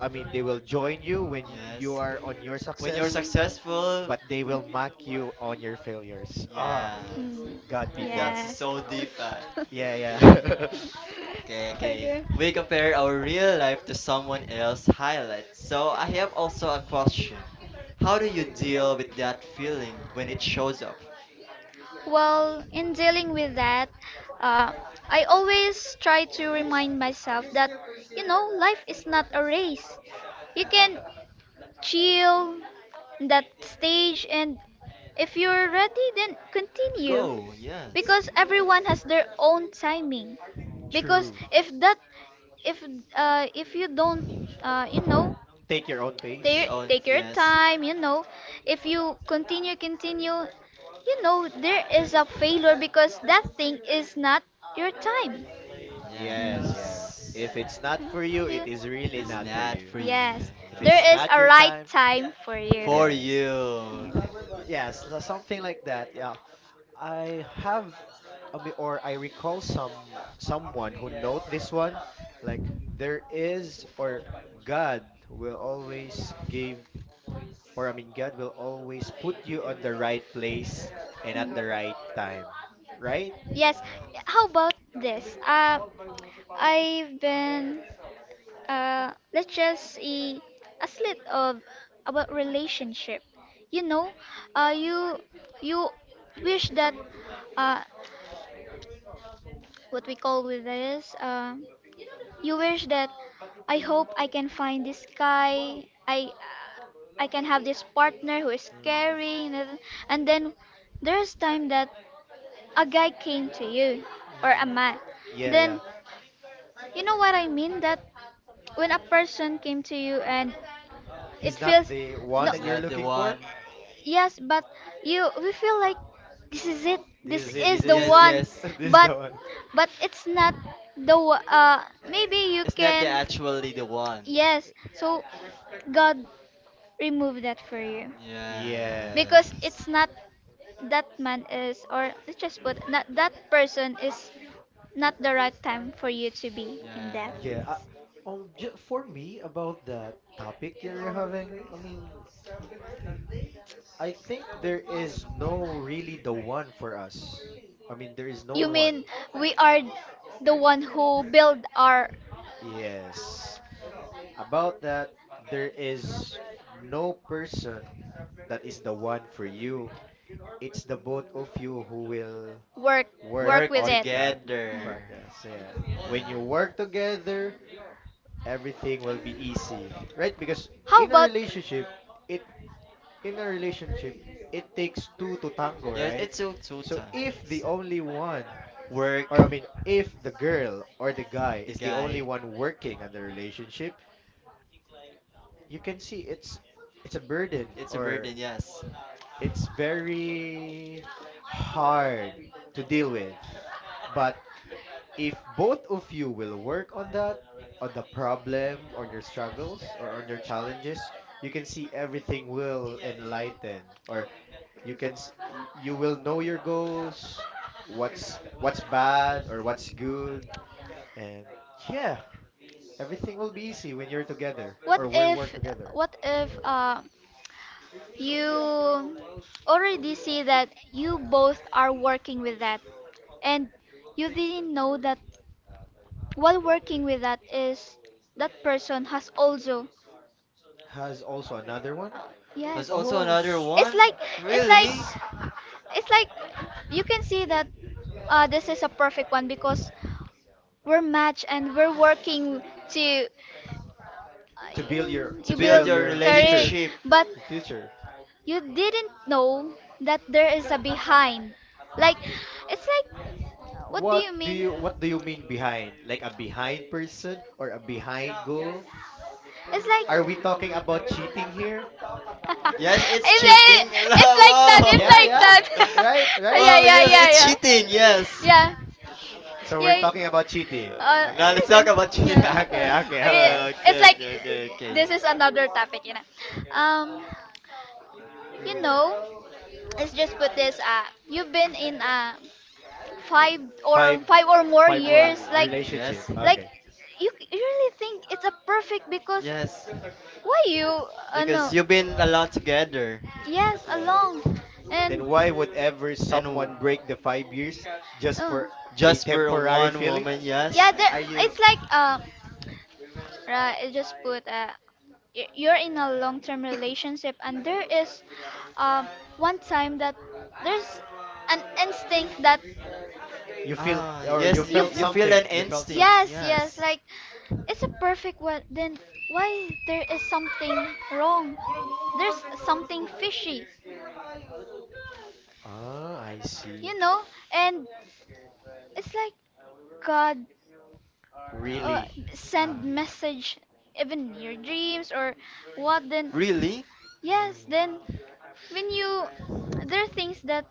Speaker 2: I mean, they will join you when you
Speaker 1: Yes.
Speaker 2: are on your
Speaker 1: When you're
Speaker 2: success,
Speaker 1: successful,
Speaker 2: but they will mock you on your failures. Ah,
Speaker 3: Mm.
Speaker 1: yes.
Speaker 2: God, people.
Speaker 1: That's so
Speaker 3: Mm.
Speaker 1: deep, ah.
Speaker 3: Yes.
Speaker 2: Yeah,
Speaker 1: Okay.
Speaker 2: yeah.
Speaker 1: Okay, okay.
Speaker 3: Okay.
Speaker 1: We compare our real life to someone else's highlight. So I have also a question. How do you deal with that feeling when it shows up?
Speaker 3: Well, in dealing with that, uh, I always try to remind myself that, you know, life is not a race. You can chill in that stage, and if you're ready, then continue. Oh,
Speaker 1: Go, yes.
Speaker 3: because everyone has their own timing. Because
Speaker 2: True.
Speaker 3: if that if if you don't you know
Speaker 2: Take your own
Speaker 1: You
Speaker 3: take
Speaker 2: pace.
Speaker 1: own,
Speaker 3: take your
Speaker 1: yes,
Speaker 3: time, you know, if you continue, you know there is a failure because that thing is not your time. Mm.
Speaker 2: Yes, yes.
Speaker 1: yes.
Speaker 2: If it's not for you, it is
Speaker 3: You-
Speaker 2: really
Speaker 1: It's
Speaker 2: not for
Speaker 1: not
Speaker 2: you.
Speaker 1: for you,
Speaker 3: yes
Speaker 2: If
Speaker 1: yes.
Speaker 2: it's
Speaker 3: there is
Speaker 2: not
Speaker 3: a
Speaker 2: your
Speaker 3: right
Speaker 2: time,
Speaker 3: time for you
Speaker 1: For
Speaker 2: yes.
Speaker 1: you, okay,
Speaker 2: Yes, something like that. Yeah. I have or I recall someone who note this one, like, there is, or God will always give, or, I mean, God will always put you on the right place and at the right time, right?
Speaker 1: okay.
Speaker 3: yes.
Speaker 1: Yeah.
Speaker 3: how about this I've been let's just see a slit of about relationship. You know, uh, you you wish that uh, what we call with this you wish that I hope I can find this guy. I can have this partner who is
Speaker 2: Mm,
Speaker 3: caring, and then there's time that a guy came to you or a
Speaker 2: mm,
Speaker 3: man.
Speaker 2: yeah,
Speaker 3: Then
Speaker 2: yeah.
Speaker 3: you know what I mean that when a person came to you and it
Speaker 2: He's not
Speaker 3: feels.
Speaker 2: the one
Speaker 1: Was
Speaker 2: that you're
Speaker 1: not the
Speaker 2: looking for.
Speaker 1: one.
Speaker 3: Yes, but you we feel like this is it.
Speaker 2: This
Speaker 3: This
Speaker 2: is it.
Speaker 1: Is it?
Speaker 3: is the
Speaker 2: This is
Speaker 1: Yes,
Speaker 2: it.
Speaker 3: one.
Speaker 1: yes.
Speaker 2: This is
Speaker 3: But
Speaker 2: the one.
Speaker 3: but it's not the wa- uh maybe you
Speaker 1: It's not
Speaker 3: can.
Speaker 1: the actually the one.
Speaker 3: Yes. So God remove that for you. Because
Speaker 2: Yes.
Speaker 1: Yes.
Speaker 3: it's not that man is, or let's just put, not that person is not the right time for you to be in
Speaker 1: Yeah.
Speaker 3: that.
Speaker 2: Yeah. For me, about the topic you're having, I mean, I think there is no really the one for us. I mean, there is no
Speaker 3: You
Speaker 2: one.
Speaker 3: mean we are the one who build our
Speaker 2: Yes. About that, there is no person that is the one for you. It's the both of you who will
Speaker 3: work
Speaker 2: work
Speaker 3: work
Speaker 1: Work
Speaker 3: with
Speaker 2: on
Speaker 3: it.
Speaker 2: that
Speaker 3: Mm.
Speaker 1: together.
Speaker 2: progress. Yeah. When
Speaker 1: Yeah.
Speaker 2: you work together, everything will be easy, right? Because
Speaker 3: How
Speaker 2: in a
Speaker 3: about,
Speaker 2: relationship, it in a relationship, it takes two to tango,
Speaker 1: Yes,
Speaker 2: right?
Speaker 1: it's so
Speaker 2: So
Speaker 1: total.
Speaker 2: if the only one
Speaker 1: Work.
Speaker 2: or I mean, if the girl or the guy
Speaker 1: The
Speaker 2: is the only
Speaker 1: guy,
Speaker 2: one working on the relationship, you can see it's a burden,
Speaker 1: it's a
Speaker 2: or
Speaker 1: burden, yes.
Speaker 2: it's very hard to deal with. But if both of you will work on that, on the problem, on your struggles, or on your challenges, you can see everything will enlighten, or you can s- y- you will know your goals, what's bad or what's good, and yeah, everything will be easy when you're together
Speaker 3: what
Speaker 2: or we work
Speaker 3: if month.
Speaker 2: together.
Speaker 3: What if you already see that you both are working with that and you didn't know that while working with that is that person has also,
Speaker 2: Has also another
Speaker 3: uh,
Speaker 2: one.
Speaker 1: Has
Speaker 3: yes.
Speaker 1: also
Speaker 2: Oh,
Speaker 1: another
Speaker 3: it's
Speaker 1: one?
Speaker 3: like it's like
Speaker 1: Really?
Speaker 2: s-
Speaker 3: Yes. It's like you can see that, this is a perfect one because we're matched and we're working to.
Speaker 2: to
Speaker 1: Uh,
Speaker 2: build your
Speaker 3: You
Speaker 1: to
Speaker 2: to
Speaker 1: build
Speaker 3: build
Speaker 2: build
Speaker 1: your
Speaker 2: your
Speaker 3: career,
Speaker 2: future,
Speaker 1: relationship.
Speaker 3: but
Speaker 2: your future.
Speaker 3: you didn't know that there is a behind, like it's like. What do
Speaker 2: What
Speaker 3: you
Speaker 2: do
Speaker 3: mean?
Speaker 2: you what do you mean behind? Like a behind person or a behind goal?
Speaker 3: It's
Speaker 2: Are we talking about cheating
Speaker 3: like we
Speaker 2: here?
Speaker 1: Yes, it's
Speaker 3: right,
Speaker 1: cheating.
Speaker 3: it's it's like it's like it's
Speaker 1: Wow.
Speaker 2: Yeah,
Speaker 3: like
Speaker 2: yeah.
Speaker 3: that,
Speaker 2: Right,
Speaker 3: oh, it's yeah, like
Speaker 2: right.
Speaker 3: yeah, that right, right, yeah,
Speaker 1: Wow,
Speaker 3: yeah,
Speaker 1: yes,
Speaker 3: yeah,
Speaker 1: it's
Speaker 3: yeah,
Speaker 1: cheating.
Speaker 3: yeah, yeah.
Speaker 1: Yes.
Speaker 3: Yeah,
Speaker 2: So we're
Speaker 3: yeah. uh,
Speaker 2: talking about cheating.
Speaker 1: Uh, Now
Speaker 3: Now
Speaker 1: let's
Speaker 2: Okay.
Speaker 1: talk about
Speaker 3: listen.
Speaker 1: cheating.
Speaker 3: Yeah,
Speaker 2: Okay, okay, okay.
Speaker 3: okay, it's
Speaker 1: Okay,
Speaker 3: like
Speaker 1: okay, okay, okay.
Speaker 3: this is another topic, um you
Speaker 2: Mm.
Speaker 3: know let's just put this, you've been in a five
Speaker 2: Five
Speaker 3: five or more
Speaker 2: five
Speaker 3: years,
Speaker 2: word
Speaker 3: like
Speaker 1: Mm,
Speaker 2: relationship.
Speaker 1: yes.
Speaker 3: like
Speaker 2: Okay.
Speaker 3: you really think it's a perfect, because
Speaker 1: Yes.
Speaker 3: why you, no,
Speaker 1: Because you've been a lot together.
Speaker 3: yes,
Speaker 2: Yeah.
Speaker 3: alone. And
Speaker 2: Then why would ever
Speaker 1: And
Speaker 2: someone break the 5 years just for the
Speaker 1: just for
Speaker 2: temporary
Speaker 1: one
Speaker 2: feeling?
Speaker 1: woman,
Speaker 3: yeah,
Speaker 1: yes.
Speaker 3: there,
Speaker 2: Are you
Speaker 3: it's like, right, it just put, you're in a long-term relationship, and there is, um one time that there's an instinct that
Speaker 2: you feel
Speaker 1: Ah,
Speaker 2: or you
Speaker 1: yes,
Speaker 3: you
Speaker 2: felt
Speaker 1: you feel
Speaker 2: something?
Speaker 1: an
Speaker 2: You felt some.
Speaker 1: instinct,
Speaker 3: yes, yes,
Speaker 1: yes.
Speaker 3: like, it's a perfect one. Then why there is something wrong? There's something fishy,
Speaker 2: Ah, I see.
Speaker 3: you know? And it's like God, uh,
Speaker 2: Really.
Speaker 3: send
Speaker 1: Uh,
Speaker 3: message even in your dreams or what then?
Speaker 1: Really?
Speaker 3: Yes,
Speaker 2: Mm.
Speaker 3: then when you there are things that,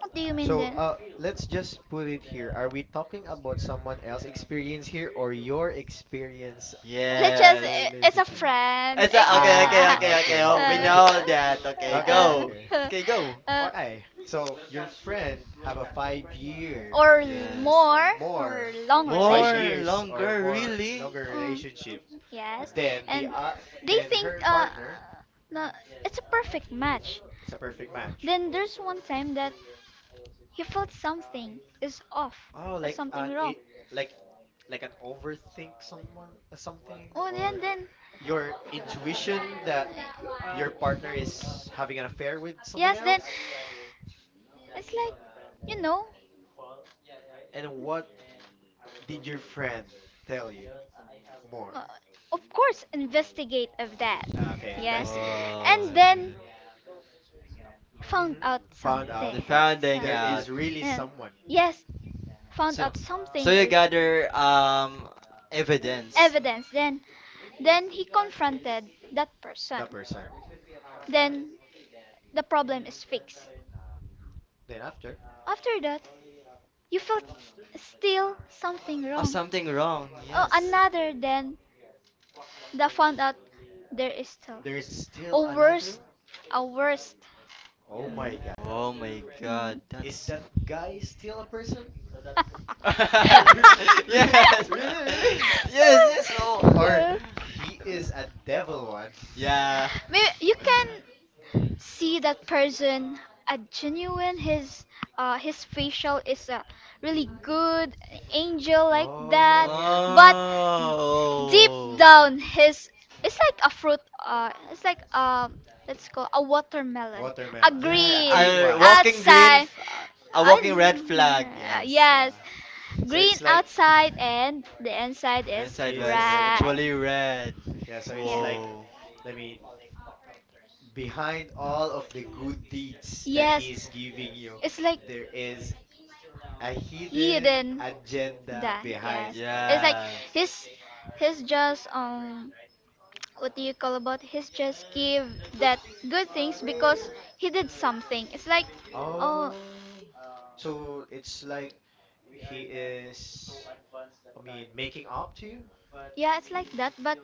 Speaker 3: what do you mean
Speaker 2: So,
Speaker 3: then?
Speaker 2: let's just put it here. Are we talking about someone else' experience here or your experience
Speaker 3: Let's
Speaker 2: on
Speaker 3: just,
Speaker 2: the
Speaker 1: Yes.
Speaker 3: it's a
Speaker 2: relationship?
Speaker 3: friend.
Speaker 1: Okay, okay,
Speaker 2: Ah,
Speaker 1: okay, okay.
Speaker 2: okay,
Speaker 1: Oh,
Speaker 2: okay,
Speaker 1: we
Speaker 2: okay.
Speaker 1: know that. Okay,
Speaker 2: Okay,
Speaker 1: go.
Speaker 2: okay.
Speaker 1: Okay, go.
Speaker 3: uh,
Speaker 2: Okay. So your friend have a 5 year
Speaker 3: or
Speaker 1: Yes.
Speaker 3: more, or
Speaker 2: more
Speaker 3: long
Speaker 2: five
Speaker 1: More,
Speaker 3: relationship.
Speaker 2: years or
Speaker 1: longer,
Speaker 2: more
Speaker 1: really?
Speaker 2: longer
Speaker 3: Longer,
Speaker 2: relationship,
Speaker 3: relationship, yes.
Speaker 2: then
Speaker 3: And they
Speaker 2: then
Speaker 3: think,
Speaker 2: her partner
Speaker 3: no, it's a perfect match.
Speaker 2: is a perfect
Speaker 3: It's.
Speaker 2: match.
Speaker 3: Then there's one time that he felt something is off
Speaker 2: Oh,
Speaker 3: or
Speaker 2: like
Speaker 3: something
Speaker 2: an
Speaker 3: wrong.
Speaker 2: it like like an overthink someone something
Speaker 3: Oh,
Speaker 2: or
Speaker 3: then,
Speaker 2: your intuition that your partner is having an affair with someone
Speaker 3: yes, then, else,
Speaker 2: else.
Speaker 3: it's like, you know,
Speaker 2: And what did your friend tell you more?
Speaker 3: uh, of course, investigate of that.
Speaker 2: Ah, okay,
Speaker 3: Yes,
Speaker 2: investigate,
Speaker 1: Wow.
Speaker 3: and
Speaker 2: investigate.
Speaker 3: then found
Speaker 2: Hmm.
Speaker 3: Out
Speaker 2: Found out
Speaker 3: something.
Speaker 1: The
Speaker 2: that
Speaker 3: So.
Speaker 1: founding
Speaker 2: there
Speaker 1: out.
Speaker 2: is really
Speaker 3: Yeah.
Speaker 2: someone,
Speaker 3: Yes, found, so,
Speaker 1: So,
Speaker 3: out something.
Speaker 1: you gather evidence.
Speaker 3: Evidence. Then, he confronted that
Speaker 2: the
Speaker 3: person.
Speaker 2: person.
Speaker 3: Then the problem is fixed.
Speaker 2: Then after.
Speaker 3: After that, you felt, still something,
Speaker 1: Something
Speaker 3: wrong.
Speaker 1: wrong,
Speaker 3: Oh,
Speaker 1: yes.
Speaker 3: another, then that found out, there is still
Speaker 2: There's still
Speaker 3: a worst,
Speaker 2: another?
Speaker 3: a worst.
Speaker 2: Oh my god.
Speaker 1: Oh my God,
Speaker 3: Mm.
Speaker 2: Is
Speaker 1: that's.
Speaker 2: that guy still a person? Re- re-
Speaker 1: Yes!
Speaker 2: really, really?
Speaker 3: Mm.
Speaker 1: Yes, yes,
Speaker 3: Yes!
Speaker 1: oh!
Speaker 2: Or
Speaker 3: Well,
Speaker 2: he is a devil one?
Speaker 1: Yeah.
Speaker 3: you can see that person, a genuine, his, his facial is a really good angel like that,
Speaker 2: Oh.
Speaker 3: but deep
Speaker 1: Oh.
Speaker 3: down his it's like a fruit, it's like, let's call a watermelon, a
Speaker 2: Watermelon.
Speaker 1: Yeah,
Speaker 2: A
Speaker 3: green
Speaker 2: green one.
Speaker 3: outside.
Speaker 1: a
Speaker 3: uh,
Speaker 1: walking red flag, yes.
Speaker 2: Yeah.
Speaker 3: yes,
Speaker 2: So
Speaker 3: green
Speaker 2: it's like
Speaker 3: outside and the inside is
Speaker 1: Inside
Speaker 2: is a
Speaker 1: was
Speaker 2: red
Speaker 3: red.
Speaker 2: one.
Speaker 1: actually red.
Speaker 2: Yeah, so it's
Speaker 3: Yeah.
Speaker 2: like
Speaker 1: Whoa.
Speaker 2: I mean behind all of the good deeds that he is
Speaker 3: Yes,
Speaker 2: giving you,
Speaker 3: it's like
Speaker 2: there is a hidden
Speaker 3: hidden.
Speaker 2: agenda
Speaker 3: Da,
Speaker 2: behind
Speaker 3: yes.
Speaker 2: on
Speaker 3: It's
Speaker 2: that.
Speaker 3: like, yeah,
Speaker 1: Yeah.
Speaker 3: he's just, what do you call about, he's just give that good things because he did something. It's like, oh,
Speaker 2: Oh, so it's like he is, making up to you?
Speaker 3: yeah, it's like that. But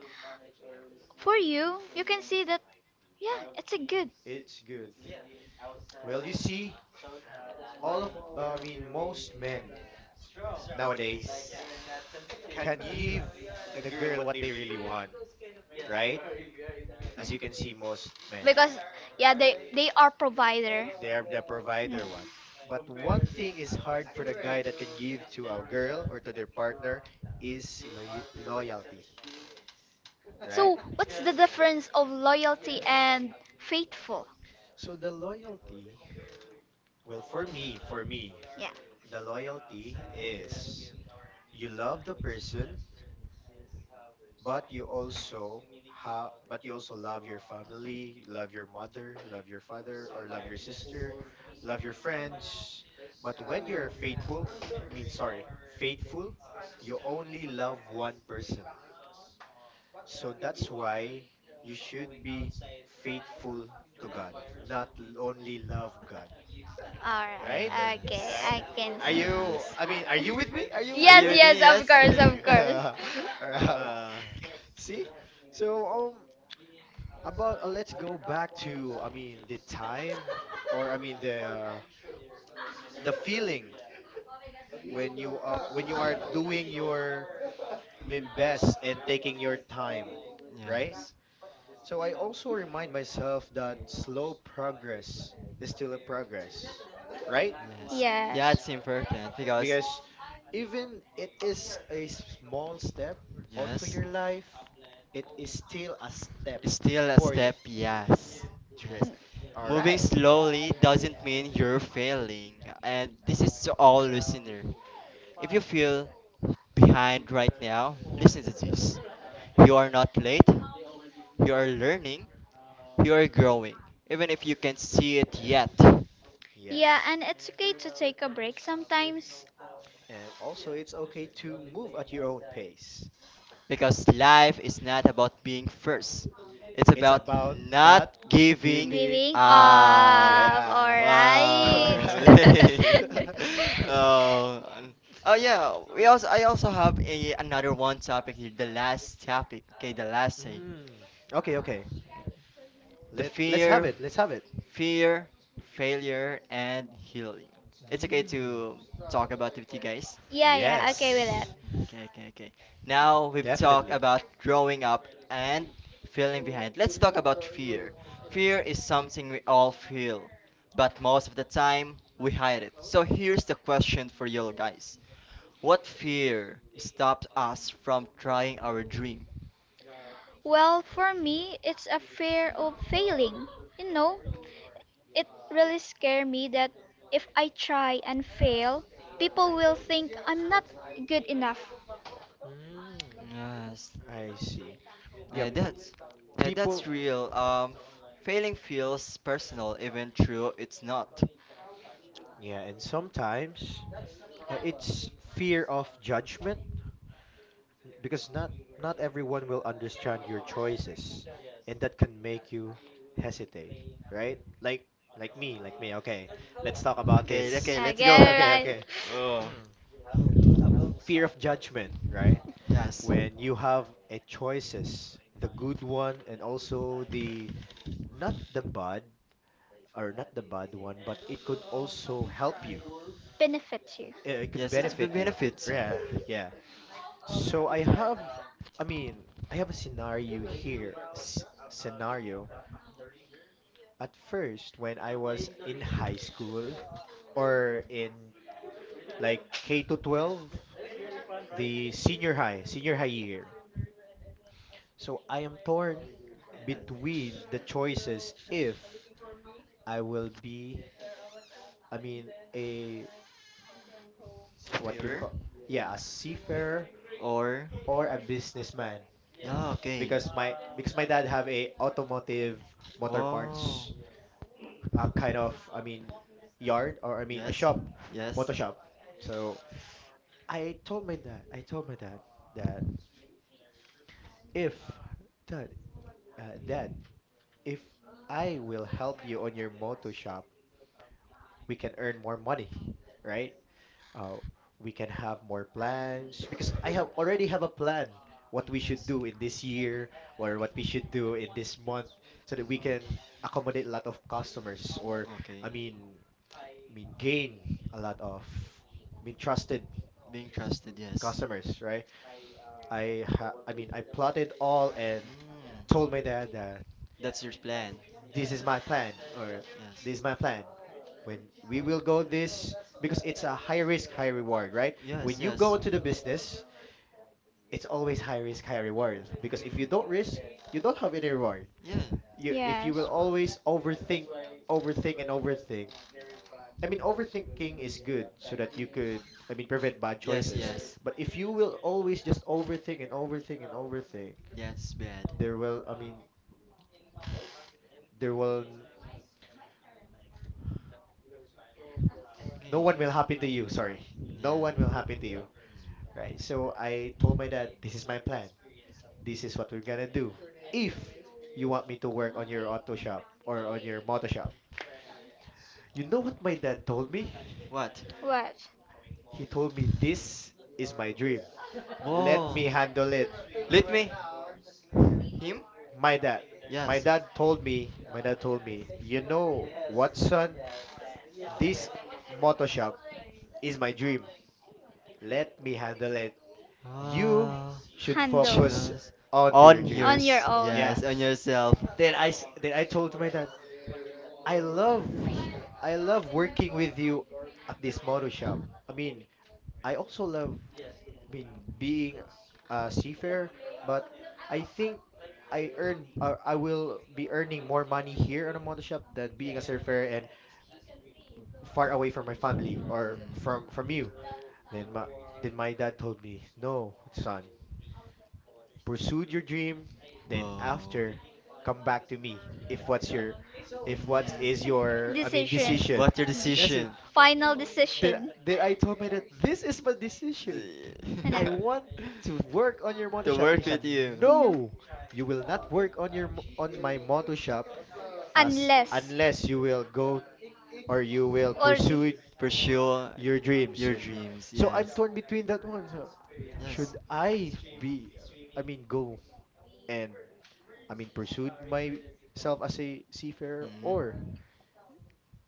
Speaker 3: for you can see that, yeah, it's a good,
Speaker 2: It's good. Well, you see, all of, most men nowadays can give the girl what they really want, right? As you can see,
Speaker 3: yeah.
Speaker 2: most men,
Speaker 3: Because, yeah, they are provider.
Speaker 2: they are the
Speaker 3: Mm.
Speaker 2: provider one. But one thing is hard for the guy that can give to a girl or to their partner is loy loyalty, right?
Speaker 3: So, what's the difference of loyalty and faithful?
Speaker 2: So the loyalty, well, for me,
Speaker 3: Yeah.
Speaker 2: the loyalty is you love the person, but you also ha but you also love your family, love your mother, love your father, or love your sister, love your friends. But when you're faithful, faithful, you only love one person. So that's why you should be faithful to God, not l- only love God,
Speaker 3: All
Speaker 2: right?
Speaker 3: right. Okay,
Speaker 1: Yes.
Speaker 2: Right?
Speaker 3: I can
Speaker 2: Are
Speaker 3: see.
Speaker 2: you?
Speaker 1: Yes.
Speaker 2: Are you with me? Are you
Speaker 1: Are
Speaker 2: with me,
Speaker 1: you
Speaker 3: Yes,
Speaker 1: with
Speaker 3: yes,
Speaker 1: me?
Speaker 3: of
Speaker 1: Yes,
Speaker 3: course,
Speaker 1: eh.
Speaker 3: of course.
Speaker 2: right? Alright.
Speaker 1: Uh,
Speaker 2: See? So about let's go back to the time, or the feeling when you are doing your best and taking your time, right?
Speaker 1: yes.
Speaker 2: So I also remind myself that slow progress is still a progress, right?
Speaker 1: Yes.
Speaker 3: Yes.
Speaker 1: That's important because
Speaker 2: Because even it is a small step onto
Speaker 1: yes,
Speaker 2: your life, it is still a step
Speaker 1: it's still a
Speaker 2: for you.
Speaker 1: step.
Speaker 2: Yeah,
Speaker 1: Yes.
Speaker 2: true.
Speaker 1: Yes.
Speaker 2: All
Speaker 1: Moving
Speaker 2: right.
Speaker 1: slowly doesn't mean you're failing. And this is to all listener. If you feel behind right now, listen to this. You are not late. You are learning. You are growing. Even if you can't see it yet.
Speaker 3: Yeah,
Speaker 2: Yes.
Speaker 3: and it's okay to take a break sometimes.
Speaker 2: And also, it's okay to move at your own pace.
Speaker 1: Because life is not about being first. It's
Speaker 2: It's
Speaker 1: about
Speaker 2: about
Speaker 1: not
Speaker 2: not
Speaker 1: giving
Speaker 2: giving
Speaker 3: Giving
Speaker 2: up.
Speaker 1: up.
Speaker 3: up. All
Speaker 2: Yeah. All
Speaker 3: right.
Speaker 1: Wow.
Speaker 2: right.
Speaker 1: Oh. Oh yeah, we also I also have a, another one topic here, the last topic. Okay, the last say.
Speaker 2: Mm. Okay, okay.
Speaker 1: The
Speaker 2: Let let's have
Speaker 1: fear,
Speaker 2: it. Let's have.
Speaker 1: fear, failure and healing. It's okay
Speaker 2: Mm.
Speaker 1: to talk about it with you guys.
Speaker 3: Yeah, yeah, okay with
Speaker 2: Yes,
Speaker 3: that.
Speaker 1: Okay. Now we've talked
Speaker 2: definitely.
Speaker 1: about growing up and feeling behind. Let's talk about fear. Fear is something we all feel, but most of the time we hide it. So here's the question for you all guys. What fear stopped us from trying our dream?
Speaker 3: Well, for me, it's a fear of failing, you know. It really scared me that if I try and fail, people will think I'm not good enough.
Speaker 2: Mm.
Speaker 1: Yes,
Speaker 2: I see. Yeah,
Speaker 1: uh, that's that's
Speaker 2: people.
Speaker 1: real. Failing feels personal, even true it's not.
Speaker 2: Yeah, and sometimes it's fear of judgment n- because not not everyone will understand your choices, and that can make you hesitate, right? Like me, like me. Okay, let's talk about
Speaker 1: Okay, okay,
Speaker 2: this.
Speaker 3: I get
Speaker 1: let's go.
Speaker 3: it,
Speaker 2: Okay, okay.
Speaker 3: right.
Speaker 1: Oh,
Speaker 2: Uh, fear of judgment, right?
Speaker 1: yes,
Speaker 2: When you have a choices, the good one and also the not the bad or not the bad one, but it could also help you.
Speaker 3: Benefits you.
Speaker 2: It could
Speaker 1: yes,
Speaker 2: benefit you.
Speaker 1: benefits you.
Speaker 2: Yeah, yeah. So I have, I mean, I have a scenario here. S scenario at first when I was in high school or in like K to 12, the senior high year. So I am torn between the choices if I will be, a what you
Speaker 1: Superior
Speaker 2: call, yeah, a seafarer
Speaker 1: or
Speaker 2: or a businessman
Speaker 1: yeah okay
Speaker 2: because my dad have a automotive motor
Speaker 1: wow
Speaker 2: parts uh, kind of, I mean, yard or a
Speaker 1: yes
Speaker 2: shop,
Speaker 1: yes
Speaker 2: motor shop. So I told my dad, I told my dad that if dad, dad, if I will help you on your motor shop, we can earn more money, right? uh, we can have more plans because I have already have a plan what we
Speaker 1: mm,
Speaker 2: should
Speaker 1: yes
Speaker 2: do in this year or what we should do in this month so that we
Speaker 1: mm-mm
Speaker 2: can accommodate a lot of customers or
Speaker 1: okay
Speaker 2: I mean gain a lot of trusted
Speaker 1: being trusted yes
Speaker 2: customers, right? I ha- I plotted all and
Speaker 1: mm
Speaker 2: told my dad that
Speaker 1: that's your plan
Speaker 2: this is my plan or
Speaker 1: yes
Speaker 2: this is my plan when we will go this because it's a high risk high reward, right? When
Speaker 1: yes
Speaker 2: you go
Speaker 1: yes
Speaker 2: into the business it's always high risk, high reward. Because if
Speaker 1: mm
Speaker 2: you don't risk, you don't have any reward.
Speaker 1: yeah
Speaker 2: You if you
Speaker 3: Yes.
Speaker 2: will always overthink, overthink and overthink. Overthinking is good so that you could, prevent bad
Speaker 1: yes
Speaker 2: choices.
Speaker 1: yes
Speaker 2: But if you will always just overthink and overthink and overthink,
Speaker 1: that's bad
Speaker 2: there will, I mean, there will, n- no one
Speaker 1: okay
Speaker 2: will happen to you. Sorry, no
Speaker 1: yeah
Speaker 2: one will happen to you,
Speaker 1: mm
Speaker 2: right? So I told my dad, this is my plan. This is what we're gonna do. If you want me to work on your auto shop or on your moto shop. You know what my dad told me?
Speaker 1: what
Speaker 3: What?
Speaker 2: He told me, "This is my dream. Let me
Speaker 1: whoa
Speaker 2: handle it."
Speaker 1: let me him
Speaker 2: My dad. My
Speaker 1: yes.
Speaker 2: dad told me, my dad told me, "You know what, son? This motor shop is my dream. Let me handle it. You
Speaker 1: Ah,
Speaker 2: should
Speaker 3: Handle.
Speaker 2: focus
Speaker 1: just
Speaker 2: onto your
Speaker 1: on
Speaker 2: dream."
Speaker 3: On your
Speaker 1: yours.
Speaker 3: own.
Speaker 2: Yeah.
Speaker 1: Yes, on yourself.
Speaker 2: Then I, s- then I told my dad, I love, h- I love working with you at this motor shop. I mean, I also love mean being a seafarer, but I think I earn I will be earning more money here on a motor shop than being a surfer and far away from my family
Speaker 1: Mm.
Speaker 2: or from you. Then my then my dad told me, "No, son, pursued your dream, then
Speaker 1: Wow.
Speaker 2: after come back to me if what's your if what is
Speaker 1: Mm.
Speaker 2: your
Speaker 3: Decision.
Speaker 2: decision."
Speaker 1: What your
Speaker 2: That's it.
Speaker 3: Mm.
Speaker 1: decision?
Speaker 3: Final
Speaker 2: Then
Speaker 3: decision.
Speaker 2: then I told my dad, "This is my decision. I
Speaker 3: Ano?
Speaker 2: want to work on your moto
Speaker 1: To
Speaker 2: shop." And
Speaker 1: work
Speaker 2: siya,
Speaker 1: with you,
Speaker 2: "No, you will not work on your mo- on my moto shop as
Speaker 3: Unless.
Speaker 2: unless you will go or you will
Speaker 3: Or.
Speaker 2: pursue
Speaker 1: pursue
Speaker 2: your dreams."
Speaker 1: your
Speaker 2: And me-
Speaker 1: dreams.
Speaker 2: so I'm
Speaker 1: Yes.
Speaker 2: torn between that one. So
Speaker 1: Yes.
Speaker 2: should I be, go and pursued myself as a seafarer or
Speaker 1: Mm.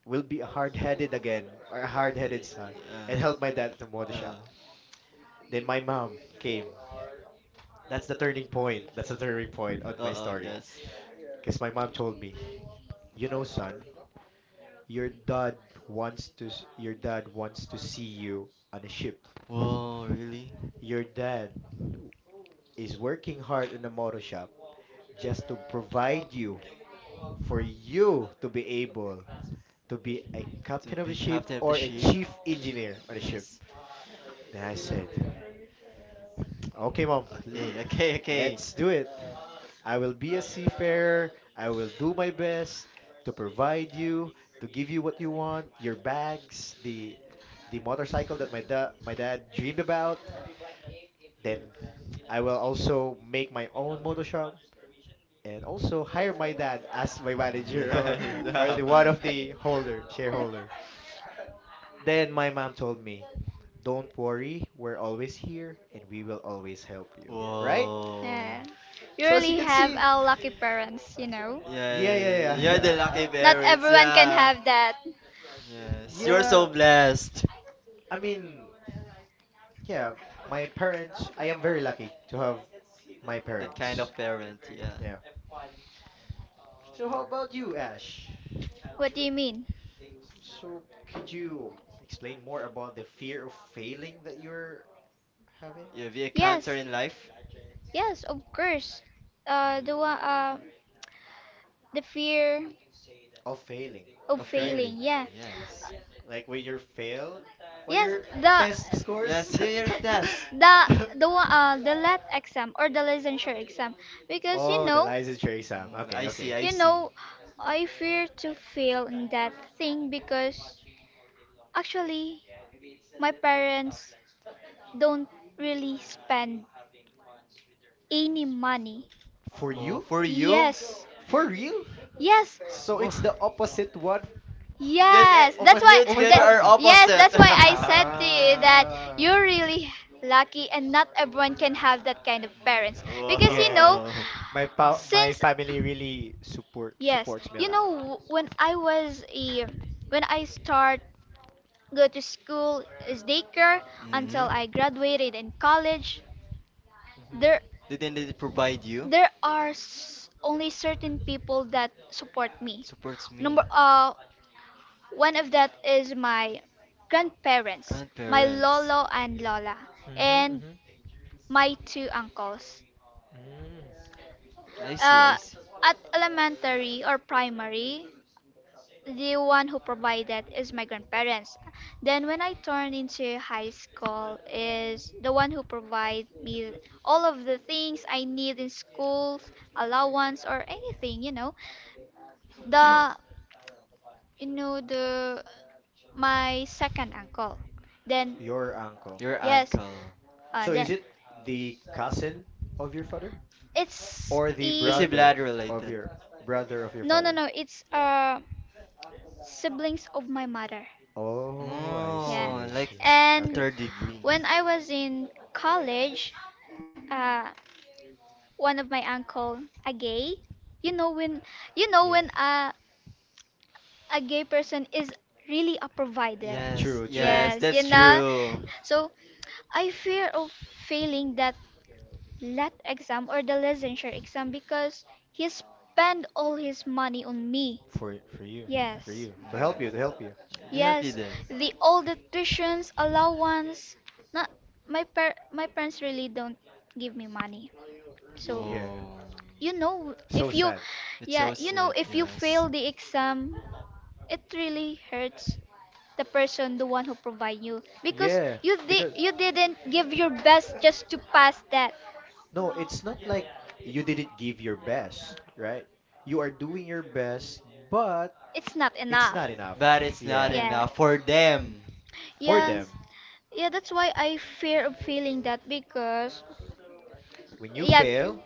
Speaker 2: will be a hard-headed again or a hard-headed son and help my
Speaker 1: Uh.
Speaker 2: dad at the motor
Speaker 1: Uh.
Speaker 2: shop. Then my mom came. That's the turning point. That's the turning point on my story.
Speaker 1: Yes.
Speaker 2: Because my mom told me, "You know, son, your dad wants to s- your dad wants to see you on a ship.
Speaker 1: Whoa. Really?
Speaker 2: Your dad w- is working hard in a motor shop just to provide you for you to be able to be a
Speaker 1: To
Speaker 2: captain of the
Speaker 1: be
Speaker 2: ship
Speaker 1: captain of the
Speaker 2: or a
Speaker 1: ship?
Speaker 2: chief engineer on the ship."
Speaker 1: Yes.
Speaker 2: Then I said, "Okay, mom, l-
Speaker 1: Okay. Okay. Okay.
Speaker 2: let's do it. I will be a seafarer. I will do my best to provide you, to give you what you want, your bags, the motorcycle that my dad dreamed about. Then I will also make my own motor shop and also hire my dad as my manager
Speaker 1: Mm,
Speaker 2: or
Speaker 1: no.
Speaker 2: the one of the holder shareholder." Then my mom told me, "Don't worry, we're always here and we will always help you." Right?
Speaker 1: Whoa.
Speaker 3: Yeah. You
Speaker 2: So as you
Speaker 3: really
Speaker 2: can
Speaker 3: have
Speaker 2: see,
Speaker 3: a lucky parents, you know.
Speaker 1: Yeah,
Speaker 2: yeah, yeah,
Speaker 1: you're the
Speaker 2: yeah, yeah.
Speaker 1: lucky
Speaker 3: Not
Speaker 1: parents.
Speaker 3: everyone can
Speaker 1: Yeah.
Speaker 3: have that.
Speaker 1: Yes, you're
Speaker 2: Yeah,
Speaker 1: so blessed.
Speaker 2: I mean, yeah, my parents, I am very lucky to have my
Speaker 1: That kind
Speaker 2: parents.
Speaker 1: of parent. Yeah.
Speaker 2: Yeah. So how about you, Ash?
Speaker 3: What do you mean?
Speaker 2: So could you explain more about the fear of failing that you're having?
Speaker 1: If you have
Speaker 3: Yes.
Speaker 1: encounter in life,
Speaker 3: Yes, of course. Uh, the
Speaker 1: yeah,
Speaker 3: one, uh, the fear
Speaker 2: Of failing,
Speaker 3: of
Speaker 1: a
Speaker 2: right?
Speaker 3: failing.
Speaker 1: failing.
Speaker 3: Yeah.
Speaker 1: Yes.
Speaker 2: Like when you're failed on
Speaker 3: Yes,
Speaker 2: your test
Speaker 3: the
Speaker 2: scores?
Speaker 1: Yes, New Year's test.
Speaker 3: the the one, the lat exam or the licensure exam, because
Speaker 2: Oh, the licensure exam.
Speaker 1: Mm,
Speaker 2: Okay, okay.
Speaker 1: I
Speaker 3: you know
Speaker 1: see.
Speaker 3: I fear to fail in that thing, because actually my parents don't really spend any money.
Speaker 2: For
Speaker 1: Oh,
Speaker 2: you?
Speaker 1: for
Speaker 3: For you?
Speaker 1: you?
Speaker 3: Yes.
Speaker 2: For real?
Speaker 3: Yes.
Speaker 2: So
Speaker 1: Oh.
Speaker 2: it's the opposite one
Speaker 1: Yes, eh,
Speaker 3: Yes. That's why.
Speaker 1: you
Speaker 2: of my
Speaker 3: We are,
Speaker 1: together are
Speaker 2: family.
Speaker 3: that, yes,
Speaker 1: opposite.
Speaker 3: that's why I said to you
Speaker 1: Mm,
Speaker 3: that
Speaker 2: Ah,
Speaker 3: you're really lucky and not everyone can have that kind of parents, because you
Speaker 2: yeah.
Speaker 3: know,
Speaker 1: whoa.
Speaker 2: My pa- my
Speaker 3: since,
Speaker 2: family really support
Speaker 3: yes,
Speaker 2: supports me a
Speaker 3: you
Speaker 2: lot.
Speaker 3: know, when I was a, when I start go to school as daycare until I
Speaker 1: Mm-hmm.
Speaker 3: graduated in college,
Speaker 2: Hmm
Speaker 3: there,
Speaker 1: The identity provide you
Speaker 3: only certain people that support me.
Speaker 1: supports
Speaker 3: Number,
Speaker 1: me.
Speaker 3: one of that is my grandparents, my
Speaker 1: Grandparents.
Speaker 3: lolo and lola,
Speaker 2: hmm
Speaker 3: and
Speaker 2: hmm.
Speaker 3: my two uncles.
Speaker 2: Mm.
Speaker 1: I
Speaker 3: Uh,
Speaker 1: see.
Speaker 3: at elementary or primary, the one who provided is my grandparents. Then when I turned into high school is the one who provide me all of the things I need in school, allowance or anything, you know. The, you know, the my second uncle. Then,
Speaker 2: Your uncle.
Speaker 1: Your
Speaker 3: yes,
Speaker 1: uncle.
Speaker 2: So is it
Speaker 3: Then
Speaker 2: the cousin of your father
Speaker 3: it's, or
Speaker 2: or
Speaker 3: the
Speaker 2: the
Speaker 1: It's a
Speaker 3: e
Speaker 1: blood related.
Speaker 2: brother of your
Speaker 3: no, no,
Speaker 2: father?
Speaker 3: no, it's, siblings of my mother.
Speaker 2: Oh, I
Speaker 3: Yeah.
Speaker 2: see,
Speaker 1: Oh,
Speaker 2: I
Speaker 1: like
Speaker 2: see.
Speaker 1: the
Speaker 3: And
Speaker 2: Okay.
Speaker 1: third degree.
Speaker 3: when I was in college, uh, one of my uncle, a gay, you know when, you know
Speaker 2: Yeah.
Speaker 3: when a gay person is really a provider.
Speaker 1: Yes,
Speaker 2: True, true.
Speaker 1: yes,
Speaker 3: Yes, you
Speaker 1: that's
Speaker 3: know.
Speaker 1: true.
Speaker 3: So I fear of failing that lat exam or the licensure exam, because he spent all his money on me.
Speaker 2: For for
Speaker 3: Yes.
Speaker 2: you to
Speaker 1: Mm.
Speaker 2: help you, to help you.
Speaker 1: They help you
Speaker 3: Yes,
Speaker 1: there.
Speaker 3: the old tuitions allowance. Not, my parents really don't give me money. So,
Speaker 2: Yeah,
Speaker 1: Oh,
Speaker 3: you know,
Speaker 2: so
Speaker 3: if you,
Speaker 2: sad.
Speaker 1: it's so
Speaker 3: yeah, you know,
Speaker 1: sweet,
Speaker 3: if you
Speaker 1: yes.
Speaker 3: fail the exam, it really hurts the person, the one who provide you, because
Speaker 2: Yeah,
Speaker 3: you, di
Speaker 2: because
Speaker 3: you didn't give your best just to pass that.
Speaker 2: no, it's not like you didn't give your best, right? You are doing your best, but
Speaker 3: It's not
Speaker 2: it's
Speaker 3: enough.
Speaker 2: not enough.
Speaker 1: But it's not
Speaker 2: Yeah,
Speaker 3: Yes.
Speaker 1: enough for them.
Speaker 2: for
Speaker 3: Yeah,
Speaker 1: Yes.
Speaker 2: them,
Speaker 3: yeah, that's why I fear of feeling that, because,
Speaker 2: when you
Speaker 3: yeah.
Speaker 2: fail,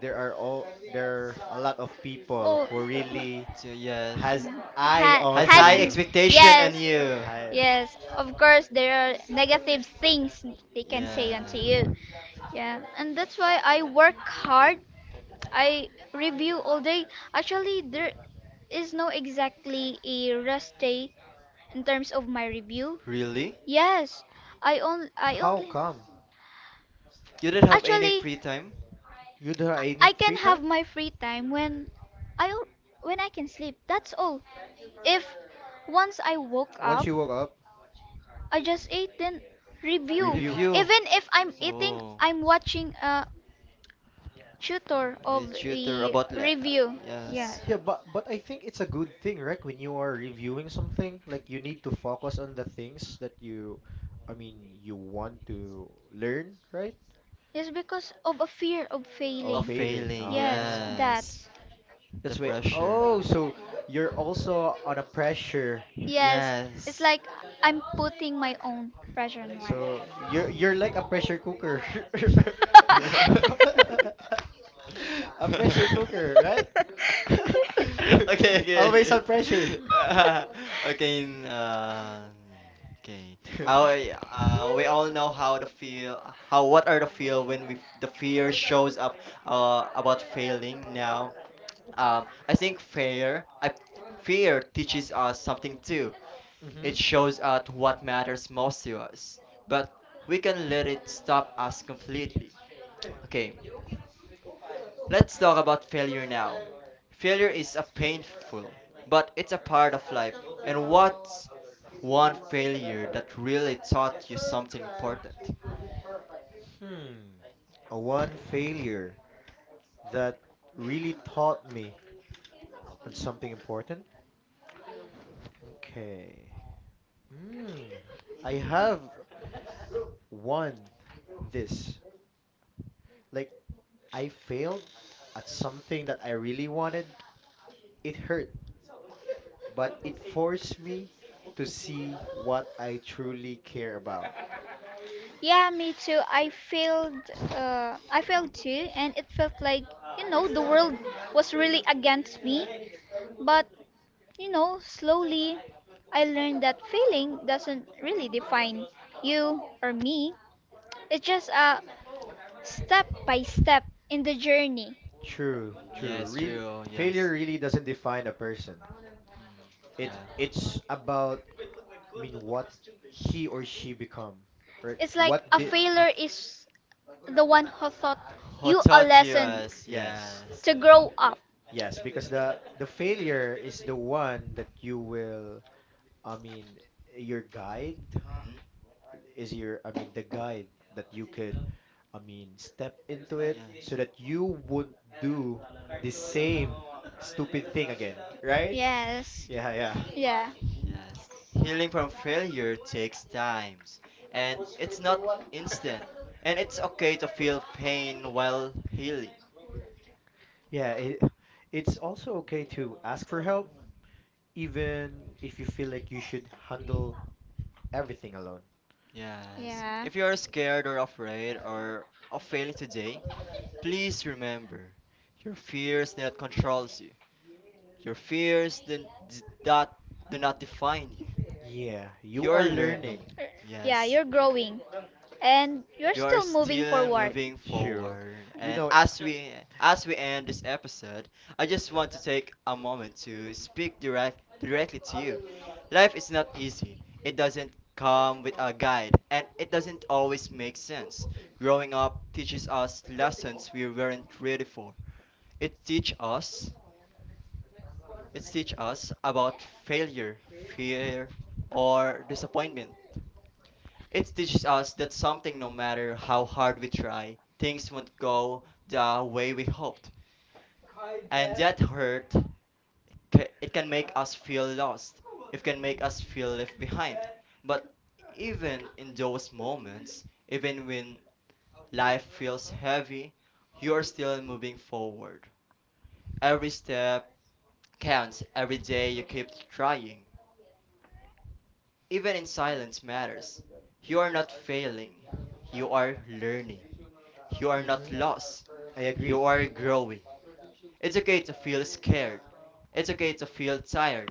Speaker 2: there are all there are a lot of people
Speaker 3: Oh,
Speaker 2: who
Speaker 3: really?
Speaker 2: really
Speaker 1: So yes,
Speaker 2: has eye
Speaker 3: Ha, oh,
Speaker 2: on
Speaker 1: has
Speaker 2: to
Speaker 1: high
Speaker 2: you.
Speaker 3: has,
Speaker 1: expectation on
Speaker 3: yes,
Speaker 1: you.
Speaker 2: Hi.
Speaker 3: yes. Of course, there are negative things they can say
Speaker 1: Yeah.
Speaker 2: Mm.
Speaker 3: onto you. Yeah, and that's why I work hard. I review all day. Actually, there is no exactly a rest day in terms of my review.
Speaker 1: Really?
Speaker 3: Yes, I only, I
Speaker 2: How
Speaker 3: only.
Speaker 2: come
Speaker 1: You don't have any
Speaker 3: Actually,
Speaker 1: free time?
Speaker 2: you don't have any
Speaker 3: I can
Speaker 2: free time?
Speaker 3: have my free time when, I al- when I can sleep. That's all. If once I woke up,
Speaker 2: Once you woke up.
Speaker 3: I just ate then review.
Speaker 2: Review.
Speaker 3: Even
Speaker 1: Review.
Speaker 3: if I'm eating,
Speaker 1: Oh,
Speaker 3: I'm watching a tutor
Speaker 1: a
Speaker 3: of
Speaker 1: tutor
Speaker 3: the
Speaker 1: about
Speaker 3: review. Yes.
Speaker 1: yes,
Speaker 2: Yeah, but I think it's a good thing, right? When you are reviewing something, like you need to focus on the things that you, you want to learn, right?
Speaker 3: Yes, because of a fear of
Speaker 2: Or
Speaker 1: of
Speaker 3: failing.
Speaker 2: failing.
Speaker 1: failing.
Speaker 3: Yes,
Speaker 2: Ah,
Speaker 1: Yes,
Speaker 3: that's.
Speaker 1: the
Speaker 2: that's why.
Speaker 1: pressure.
Speaker 2: Oh, so you're also on a pressure.
Speaker 3: Yes, it's
Speaker 1: Yes,
Speaker 3: like I'm putting my own pressure on myself.
Speaker 2: So you're like a pressure cooker. A pressure cooker, right?
Speaker 1: okay, okay,
Speaker 2: Always
Speaker 1: okay.
Speaker 2: on pressure.
Speaker 1: Uh, okay, in, uh, okay. We all know how to feel, how what are the feel when we the fear shows up about failing. Now, I think fear, I fear teaches us something too. It
Speaker 2: Mhm.
Speaker 1: shows us what matters most to us, but we can let it stop us completely. Okay, let's talk about failure now. Failure is a painful, but it's a part of life. And what's one failure that really taught you something important?
Speaker 2: Hmm. A one failure that really taught me on something important. Okay. Mm. I have won this. Like, I failed at something that I really wanted. It hurt, but it forced me to see what I truly care about.
Speaker 3: Yeah, me too. I failed. I failed too, and it felt like, you know, the world was really against me. But, you know, slowly, I learned that failing doesn't really define you or me. It's just a step by step in the journey.
Speaker 2: True, true.
Speaker 1: Yes,
Speaker 2: Real
Speaker 1: true. Yes.
Speaker 2: failure really doesn't define a person.
Speaker 1: Mm,
Speaker 2: It
Speaker 1: yeah.
Speaker 2: it's about what he or she become, right?
Speaker 3: It's like
Speaker 2: What
Speaker 3: a
Speaker 2: did?
Speaker 3: failure is the one who taught
Speaker 1: Who
Speaker 3: you a
Speaker 1: taught you
Speaker 3: lesson
Speaker 1: us?
Speaker 2: Yes,
Speaker 1: Yes.
Speaker 3: to grow up.
Speaker 2: yes, because the failure is the one that you will. I mean, your guide
Speaker 1: Mm,
Speaker 2: is your. The guide that you could. Step into it so
Speaker 1: yes.
Speaker 2: that you won't do the same stupid thing again, right?
Speaker 3: Yes.
Speaker 2: Yeah, yeah.
Speaker 3: Yeah.
Speaker 1: Yes. Healing from failure takes times, and it's not instant. And it's okay to feel pain while healing.
Speaker 2: Yeah, it, it's also okay to ask for help, even if you feel like you should handle everything alone.
Speaker 1: Yes.
Speaker 3: Yeah.
Speaker 1: If you are scared or afraid or of failing today, please remember, your fears do not control you. Your fears not do not define you.
Speaker 2: Yeah, you
Speaker 1: You're
Speaker 2: are
Speaker 1: learning.
Speaker 2: learning.
Speaker 3: Er, Yeah,
Speaker 1: Yes.
Speaker 3: you're growing and you're
Speaker 1: You are
Speaker 3: still moving
Speaker 1: still
Speaker 3: forward.
Speaker 1: moving
Speaker 2: True.
Speaker 1: forward.
Speaker 2: You
Speaker 1: And
Speaker 2: know,
Speaker 1: as we end this episode, I just want to take a moment to speak directly to you. Life is not easy. It doesn't come with a guide and it doesn't always make sense. Growing up teaches us lessons we weren't ready for. It teach us it teach us about failure, fear, or disappointment. It teaches us that something, no matter how hard we try, things won't go the way we hoped. And that hurt, it can make us feel lost. It can make us feel left behind. But even in those moments, even when life feels heavy, you are still moving forward. Every step counts. Every day you keep trying. Even in silence matters. You are not failing. You are learning. You are not
Speaker 2: mhm,
Speaker 1: lost.
Speaker 2: I
Speaker 1: You
Speaker 2: agree.
Speaker 1: are growing. It's okay to feel scared. It's okay to feel tired.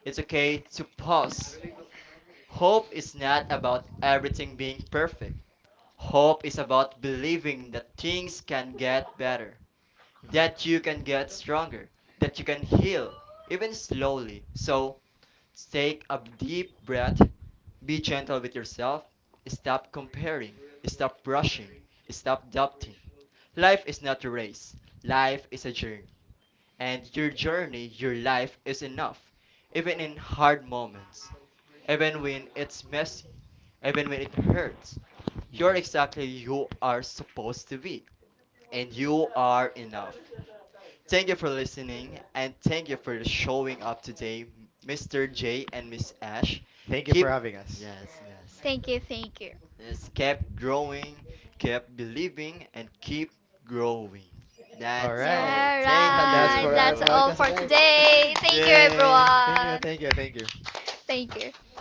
Speaker 1: It's okay to pause. Hope is not about everything being perfect. Hope is about believing that things can get better,
Speaker 2: Mhm.
Speaker 1: that you can get stronger, that you can heal, even slowly. So take a deep breath, be gentle with yourself, stop comparing, stop rushing, stop doubting. Life is not a race, life is a journey. And your journey, your life is enough, even in hard moments, even when it's messy, even when it hurts. You're
Speaker 2: Even.
Speaker 1: exactly you are supposed to be, and you are enough. Thank you for listening and thank you for showing up today, Mr. J and Miss Ash.
Speaker 2: Thank you
Speaker 1: Keep
Speaker 2: for having us.
Speaker 1: yes, yes.
Speaker 3: Thank you, thank you.
Speaker 1: Yes, keep growing, keep believing and keep growing.
Speaker 2: All
Speaker 1: That's
Speaker 2: right.
Speaker 1: all.
Speaker 3: Yeah,
Speaker 1: Thank
Speaker 2: That's
Speaker 3: right.
Speaker 2: for our
Speaker 3: That's
Speaker 1: you.
Speaker 3: all
Speaker 2: podcast
Speaker 3: for
Speaker 2: today.
Speaker 3: today. Thank you,
Speaker 1: Yay.
Speaker 2: Thank you,
Speaker 3: everyone.
Speaker 2: thank you, thank you.
Speaker 3: Thank you.